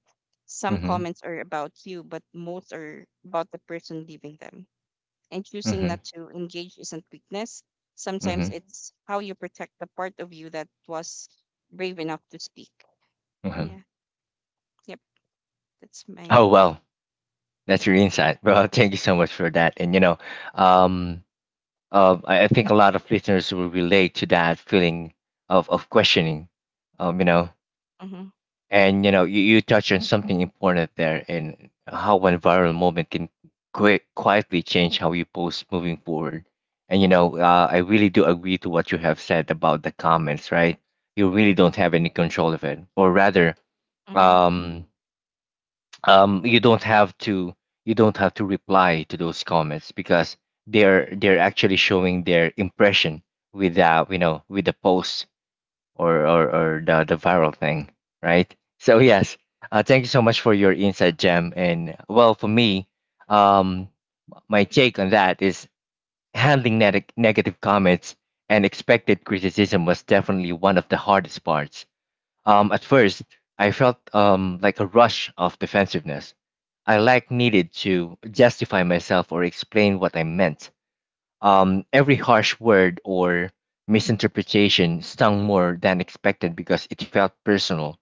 Speaker 1: Mhm.
Speaker 2: Some
Speaker 1: Mhm.
Speaker 2: comments are about you, but most are about the person leaving them. And choosing
Speaker 1: Mhm.
Speaker 2: not to engage isn't weakness. Sometimes
Speaker 1: Mhm.
Speaker 2: it's how you protect the part of you that was brave enough to speak. And yeah,
Speaker 1: Mhm.
Speaker 2: yep, that's my.
Speaker 1: Oh well, that's your insight. Well, thank you so much for that. And you know, um, uh, I I think a lot of listeners will relate to that feeling of of questioning. Um, you know,
Speaker 2: Mm-hmm,
Speaker 1: and you know you, you touch on something important there and how one viral moment can qui- quietly change how you post moving forward. And you know uh, I really do agree to what you have said about the comments, right? You really don't have any control of it, or rather
Speaker 2: mm-hmm,
Speaker 1: um um you don't have to you don't have to reply to those comments because they're they're actually showing their impression with uh you know with the post or or, or the, the viral thing, right? So yes, uh, thank you so much for your insight, Gem. And well, for me, um, my take on that is handling neg- negative comments and expected criticism was definitely one of the hardest parts. Um, at first, I felt um like a rush of defensiveness. I like needed to justify myself or explain what I meant. um, every harsh word or misinterpretation stung more than expected because it felt personal,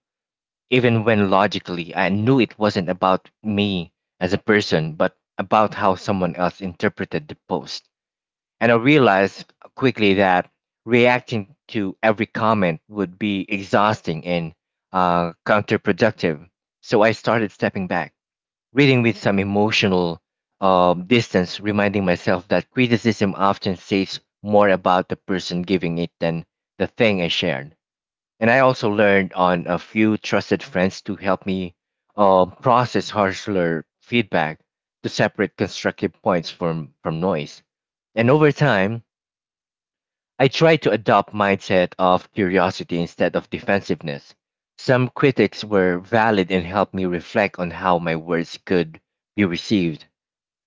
Speaker 1: even when logically I knew it wasn't about me as a person, but about how someone else interpreted the post. And I realized quickly that reacting to every comment would be exhausting and uh, counterproductive. So I started stepping back, reading with some emotional uh, distance, reminding myself that criticism often says more about the person giving it than the thing I shared. And I also learned on a few trusted friends to help me uh, process harsher feedback to separate constructive points from, from noise. And over time, I tried to adopt mindset of curiosity instead of defensiveness. Some critics were valid and helped me reflect on how my words could be received.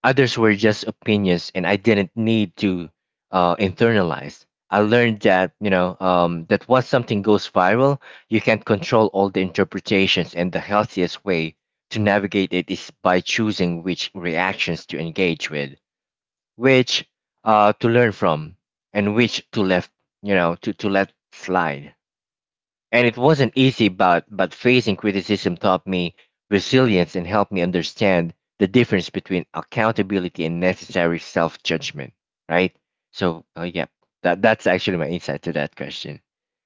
Speaker 1: Others were just opinions, and I didn't need to uh, internalize. I learned that you know um, that once something goes viral, you can't control all the interpretations, and the healthiest way to navigate it is by choosing which reactions to engage with, which uh, to learn from, and which to left you know to to let slide. And it wasn't easy, but but facing criticism taught me resilience and helped me understand the difference between accountability and necessary self judgment. Right. So, uh, yeah, that that's actually my insight to that question.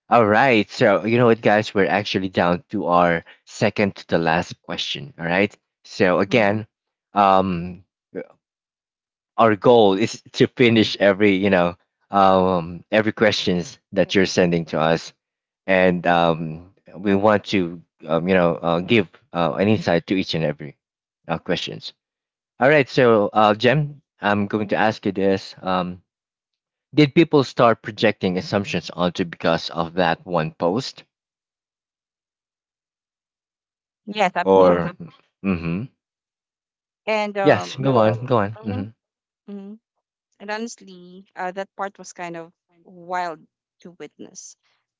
Speaker 1: All right. So you know what, guys, we're actually down to our second to the last question. All right. So
Speaker 2: mm-hmm.
Speaker 1: again, um, our goal is to finish every you know um every questions that you're sending to us, and um, we want to um, you know uh, give uh, an insight to each and every uh, questions. All right, so uh, Jem, I'm going to ask you this: um, did people start projecting assumptions onto because of that one post,
Speaker 2: Yes,
Speaker 1: or?
Speaker 2: absolutely.
Speaker 1: Mm-hmm.
Speaker 2: And
Speaker 1: Yes,
Speaker 2: um,
Speaker 1: go on, go on. Mm-hmm.
Speaker 2: mhm, mhm. And honestly, uh, that part was kind of wild to witness.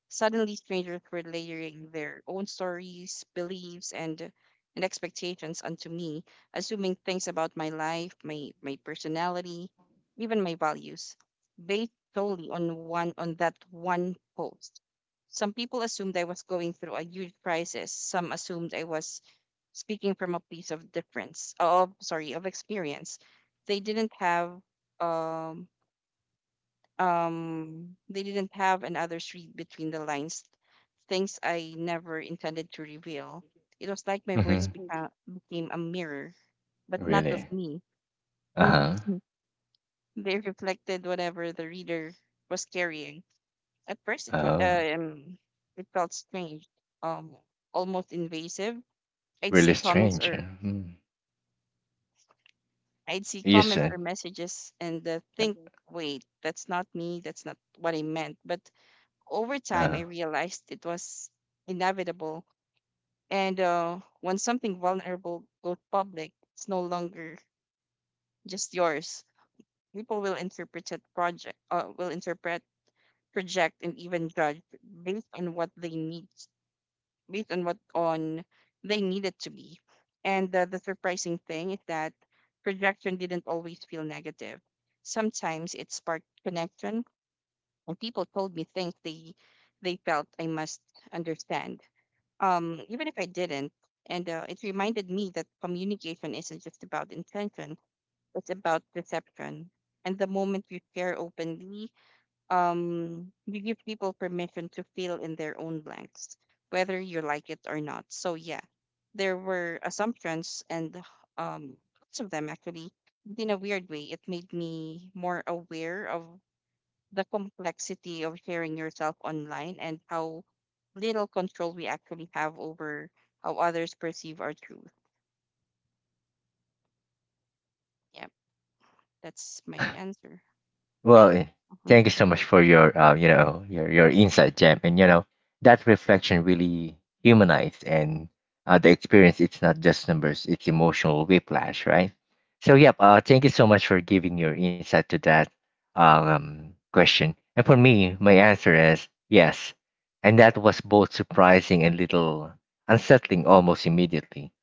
Speaker 2: Suddenly, strangers were layering their own stories, beliefs, and and expectations onto me, assuming things about my life, my my personality, even my values, based solely on one on that one post. Some people assumed I was going through a huge crisis. Some assumed I was speaking from a place of difference, of sorry, of experience. They didn't have um um they didn't have another street between the lines, things I never intended to reveal. It was like my
Speaker 1: Mm-hmm.
Speaker 2: words beca- became a mirror, but not of
Speaker 1: Really?
Speaker 2: me.
Speaker 1: Uh
Speaker 2: Mhm.
Speaker 1: huh.
Speaker 2: They reflected whatever the reader was carrying. At first it wa-
Speaker 1: Oh,
Speaker 2: uh, um it felt strange, um almost invasive. I'd
Speaker 1: really
Speaker 2: see comments
Speaker 1: strange.
Speaker 2: or
Speaker 1: Mm.
Speaker 2: i'd see
Speaker 1: You
Speaker 2: comments
Speaker 1: said.
Speaker 2: or messages and uh, think, wait, that's not me, that's not what I meant. But over time, I
Speaker 1: Uh.
Speaker 2: realized it was inevitable. And uh, when something vulnerable goes public, it's no longer just yours. People will interpret it project, uh, will interpret, project, and even judge based on what they need, based on what on they need it to be. And uh, the surprising thing is that projection didn't always feel negative. Sometimes it sparked connection, and people told me things they they felt I must understand, um, even if I didn't. And uh, it reminded me that communication isn't just about intention, it's about perception. And the moment you share openly, um, you give people permission to fill in their own blanks, whether you like it or not. So, yeah, there were assumptions, and um, lots of them actually. But in a weird way, it made me more aware of the complexity of sharing yourself online and how little control we actually have over how others perceive our truth. Yep, that's my answer.
Speaker 1: Well, eh,
Speaker 2: Mhm.
Speaker 1: thank you so much for your, uh, you know, your your insight, Jam, and you know that reflection really humanized and uh, the experience. It's not just numbers; it's emotional whiplash, right? So, yep. Uh, thank you so much for giving your insight to that um question. And for me, my answer is yes, and that was both surprising and little unsettling almost immediately.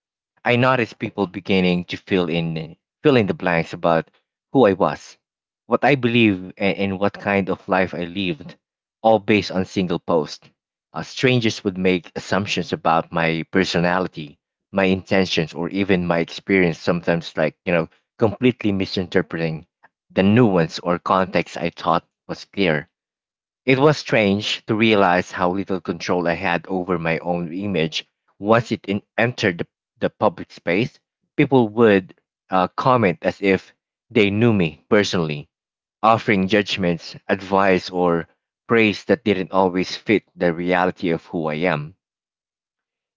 Speaker 1: I noticed people beginning to fill in fill in the blanks about who I was, what I believe, and, and what kind of life I lived, all based on single post. Uh, strangers would make assumptions about my personality, my intentions, or even my experience. Sometimes, like you know, completely misinterpreting the nuance or context I thought was clear. It was strange to realize how little control I had over my own image once it in- entered the, the public space. People would uh, comment as if they knew me personally, offering judgments, advice, or praise that didn't always fit the reality of who I am.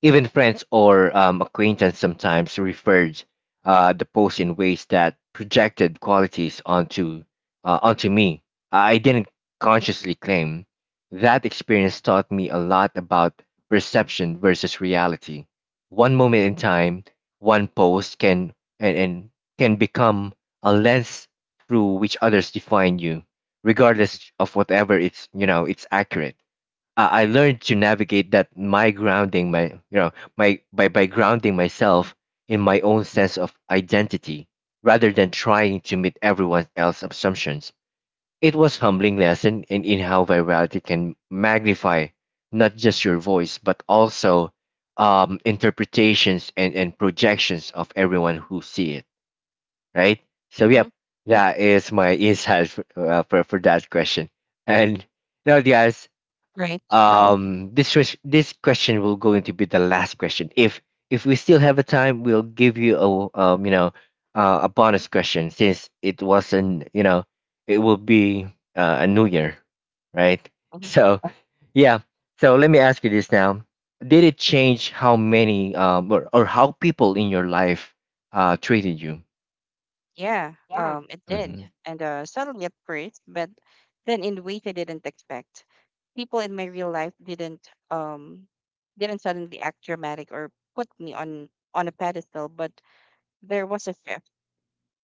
Speaker 1: Even friends or um, acquaintances sometimes referred uh, the post in ways that projected qualities onto uh, onto me. I didn't consciously claim. That experience taught me a lot about perception versus reality. One moment in time, one post can and, and can become a lens through which others define you, regardless of whatever it's you know it's accurate. I I learned to navigate that my grounding my you know my by by grounding myself in my own sense of identity rather than trying to meet everyone else's assumptions. It was humbling lesson in, in how virality can magnify not just your voice but also um interpretations and, and projections of everyone who see it. Right? So
Speaker 2: Mhm.
Speaker 1: yep, that is my insight for, uh, for, for that question. And now guys
Speaker 2: Right.
Speaker 1: um, this ques- this question will going to be the last question. If if we still have a time, we'll give you a um, you know uh, a bonus question since it wasn't you know it will be uh, a new year, right?
Speaker 2: Mhm.
Speaker 1: So yeah, so let me ask you this now: Did it change how many um or, or how people in your life uh treated you?
Speaker 2: Yeah, um, it did.
Speaker 1: hmm
Speaker 2: And uh, Subtly at first, but then in a way I didn't expect. People in my real life didn't um didn't suddenly act dramatic or put me on on a pedestal, but there was a shift.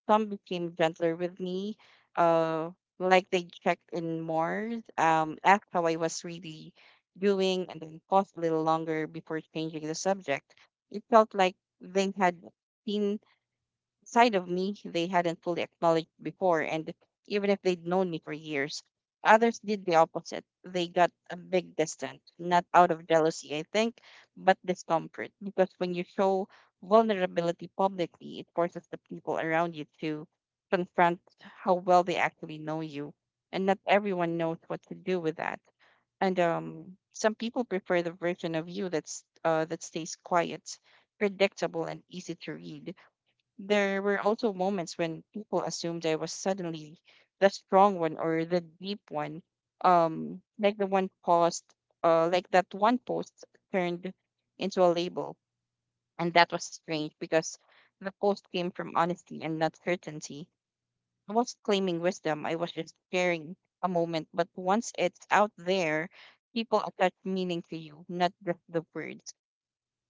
Speaker 2: Some became gentler with me, uh, like they checked in more, um, asked how I was really doing, and then paused a little longer before changing the subject. It felt like they had seen side of me they hadn't fully acknowledged before, and even if they'd known me for years. Others did the opposite. They got a big distance, not out of jealousy, I think, but discomfort. Because when you show vulnerability publicly, it forces the people around you to confront how well they actually know you. And not everyone knows what to do with that. And um, Some people prefer the version of you that's uh, that stays quiet, predictable, and easy to read. There were also moments when people assumed I was suddenly the strong one or the deep one. Um, like the one post, uh, like that one post turned into a label, and that was strange because the post came from honesty and not certainty. I wasn't claiming wisdom; I was just sharing a moment. But once it's out there, people attach meaning to you, not just the words.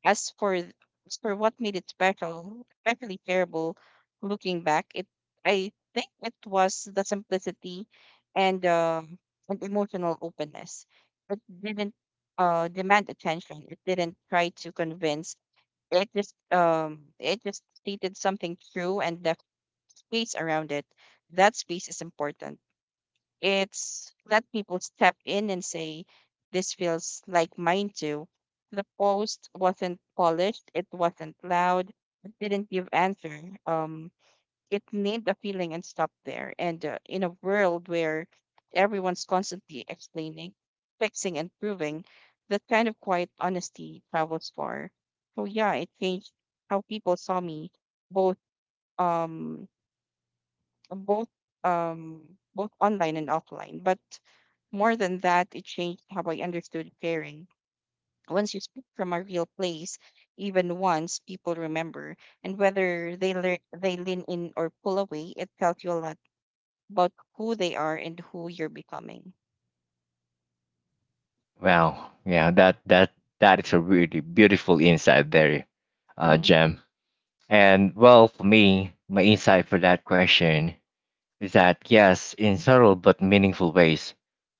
Speaker 2: As for th- as for what made it special, especially terrible, looking back, it I think it was the simplicity and um and emotional openness. It didn't uh demand attention. It didn't try to convince. It just um it just stated something true and the space around it. That space is important. It's let people step in and say, "This feels like mine too." The post wasn't polished, it wasn't loud, it didn't give answer. Um, it named the feeling and stopped there. And uh, In a world where everyone's constantly explaining, fixing, and proving, that kind of quiet honesty travels far. So yeah, it changed how people saw me, both um both um both online and offline. But more than that, it changed how I understood caring. Once you speak from a real place, even once, people remember. And whether they lear they lean in or pull away, it tells you a lot about who they are and who you're becoming.
Speaker 1: Wow, yeah, that that that is a really beautiful insight there, uh,
Speaker 2: Mm-hmm.
Speaker 1: Jam. And well, for me, my insight for that question is that yes, in subtle but meaningful ways,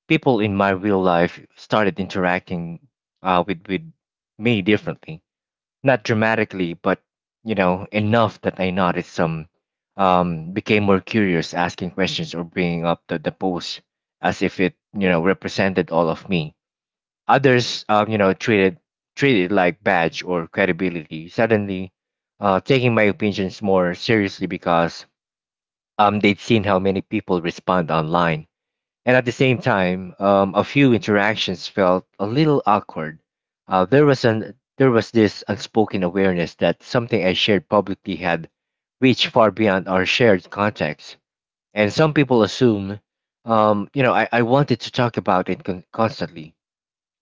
Speaker 1: people in my real life started interacting uh, with with me differently. Not dramatically, but you know enough that I noticed some, um, became more curious, asking questions or bringing up the the post as if it you know represented all of me. Others, um, you know, treated treated like badge or credibility. Suddenly, uh, taking my opinions more seriously because um, they'd seen how many people respond online. And at the same time, um, a few interactions felt a little awkward. Uh, there was an there was this unspoken awareness that something I shared publicly had reached far beyond our shared context. And some people assume, um, you know, I, I wanted to talk about it con- constantly,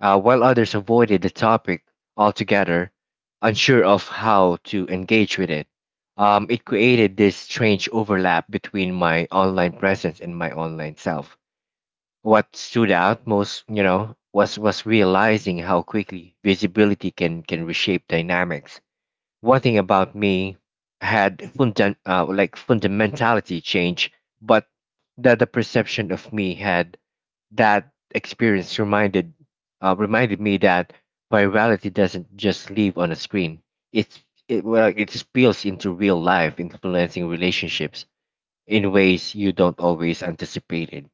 Speaker 1: uh, while others avoided the topic altogether, unsure of how to engage with it. Um, it created this strange overlap between my online presence and my online self. What stood out most, you know, was was realizing how quickly visibility can can reshape dynamics. One thing about me had fundam- uh, like fundamentality change, but that the perception of me had. That experience reminded uh, reminded me that virality doesn't just live on a screen. It's it well, it spills into real life, influencing relationships in ways you don't always anticipate it.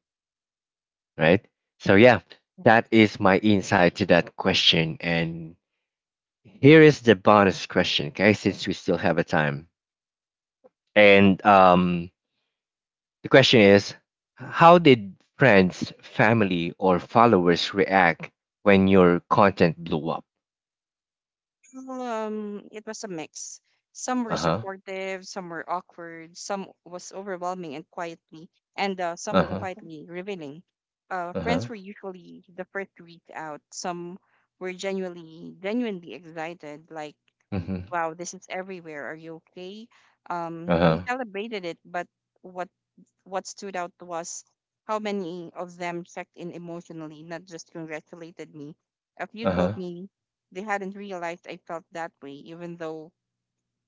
Speaker 1: Right. So yeah, that is my insight to that question. And here is the bonus question, okay? Since we still have a time, and um, the question is: how did friends, family, or followers react when your content blew up?
Speaker 2: Um, it was a mix. Some
Speaker 1: Uh
Speaker 2: were
Speaker 1: huh.
Speaker 2: supportive, some were awkward, some was overwhelming and quietly, and uh, some
Speaker 1: Uh
Speaker 2: were
Speaker 1: huh.
Speaker 2: quietly revealing. Uh,
Speaker 1: Uh
Speaker 2: friends
Speaker 1: huh.
Speaker 2: were usually the first to reach out. Some were genuinely, genuinely excited, like,
Speaker 1: Mm-hmm.
Speaker 2: "Wow, this is everywhere. Are you okay?" Um,
Speaker 1: Uh
Speaker 2: they
Speaker 1: huh.
Speaker 2: celebrated it, but what what stood out was how many of them checked in emotionally, not just congratulated me. A few
Speaker 1: Uh
Speaker 2: told
Speaker 1: huh.
Speaker 2: me they hadn't realized I felt that way, even though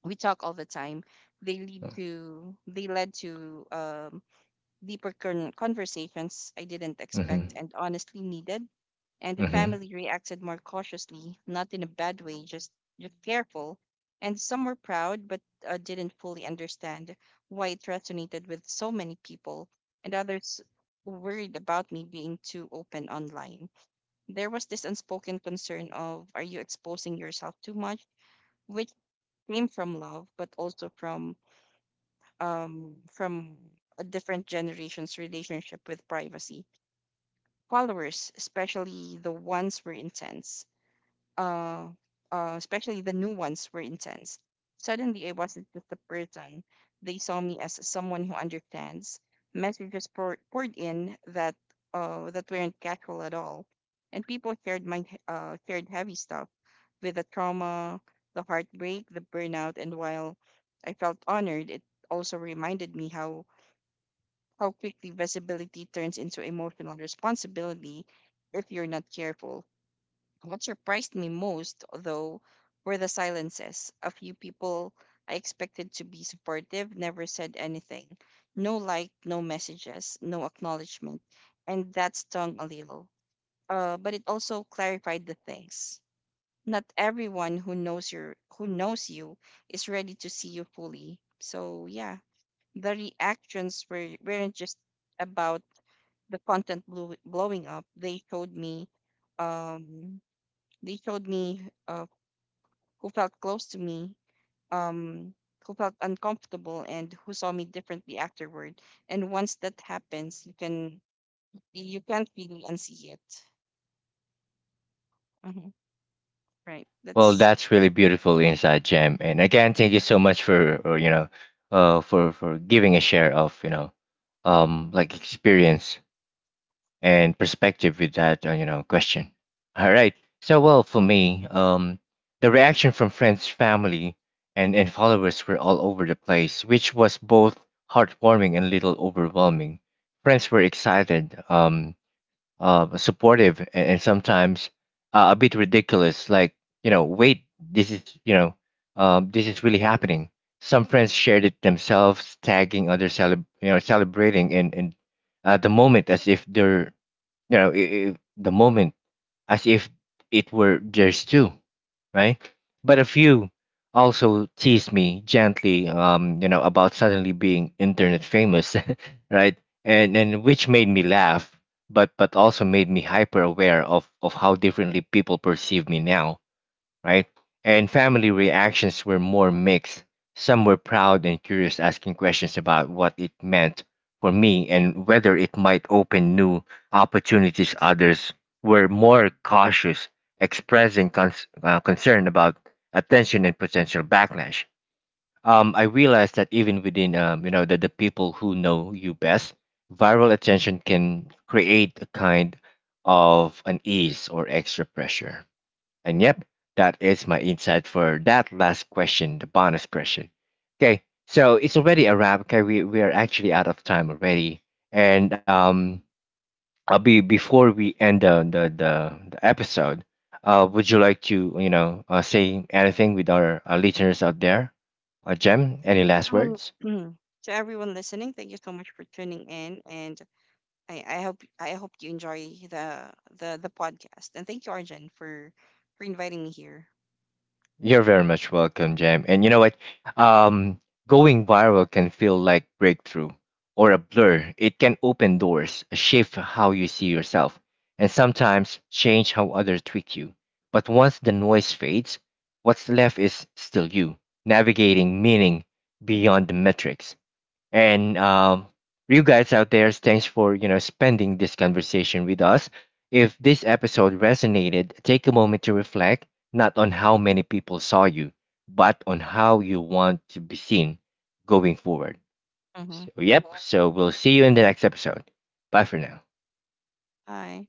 Speaker 2: we talk all the time. They lead to they led to um, deeper con- conversations I didn't
Speaker 1: Mm-hmm.
Speaker 2: expect and honestly needed. And the
Speaker 1: Mm-hmm.
Speaker 2: family reacted more cautiously, not in a bad way, just, just careful. And some were proud, but uh, didn't fully understand why it resonated with so many people. And others worried about me being too open online. There was this unspoken concern of, are you exposing yourself too much? Which came from love, but also from um, from a different generation's relationship with privacy. Followers, especially the ones were intense. Uh, uh, especially the new ones were intense. Suddenly, I wasn't just a person. They saw me as someone who understands. Messages pour- poured in that uh, that weren't casual at all, and people shared my he- uh, shared heavy stuff, with the trauma, the heartbreak, the burnout, and while I felt honored, it also reminded me how how quickly visibility turns into emotional responsibility if you're not careful. What surprised me most, though, were the silences. A few people I expected to be supportive never said anything. No like, no messages, no acknowledgement. And that stung a little. Uh, but it also clarified the things. Not everyone who knows your who knows you is ready to see you fully. So yeah, the reactions were weren't just about the content blew, blowing up. They showed me, um, they showed me uh, who felt close to me, um, who felt uncomfortable, and who saw me differently afterward. And once that happens, you can you can't really unsee it. Hmm. Right.
Speaker 1: Well,
Speaker 2: That's
Speaker 1: that's really beautiful insight, Jam. And again, thank you
Speaker 2: mhm.
Speaker 1: so much for, or, you know, uh, for for giving a share of, you know, um, like experience and perspective with that uh, you know question. All right. So well for me, um, the reaction from friends, family, and and followers were all over the place, which was both heartwarming and a little overwhelming. Friends were excited, um, uh, supportive, and, and sometimes uh, a bit ridiculous. Like you know, wait, this is you know, um, this is really happening. Some friends shared it themselves, tagging others, celeb- you know, celebrating and and uh, the moment as if they're you know, I I the moment as if it were theirs too, right? But a few also teased me gently, um, you know, about suddenly being internet famous, right? And and which made me laugh, but but also made me hyper aware of of how differently people perceive me now, right? And family reactions were more mixed. Some were proud and curious, asking questions about what it meant for me and whether it might open new opportunities. Others were more cautious, expressing cons- uh, concern about attention and potential backlash. Um, I realized that even within, um, you know, the, the people who know you best, viral attention can create a kind of unease or extra pressure. And yep, that is my insight for that last question, the bonus question. Okay, so it's already a wrap. Okay, we, we are actually out of time already. And um, I'll be before we end the the the, the episode. Uh, would you like to you know uh, say anything with our uh, listeners out there? Uh, Jem, any last
Speaker 2: um,
Speaker 1: words?
Speaker 2: to everyone listening, thank you so much for tuning in, and I, I hope I hope you enjoy the the the podcast. And thank you, Arjun, for for inviting me here.
Speaker 1: You're very much welcome, Jam. And you know what? Um, Going viral can feel like breakthrough or a blur. It can open doors, shift how you see yourself, and sometimes change how others treat you. But once the noise fades, what's left is still you, navigating meaning beyond the metrics. And um, you guys out there, thanks for you know spending this conversation with us. If this episode resonated, take a moment to reflect not on how many people saw you, but on how you want to be seen going forward.
Speaker 2: Mm-hmm.
Speaker 1: So, yep. So we'll see you in the next episode. Bye for now.
Speaker 2: Bye.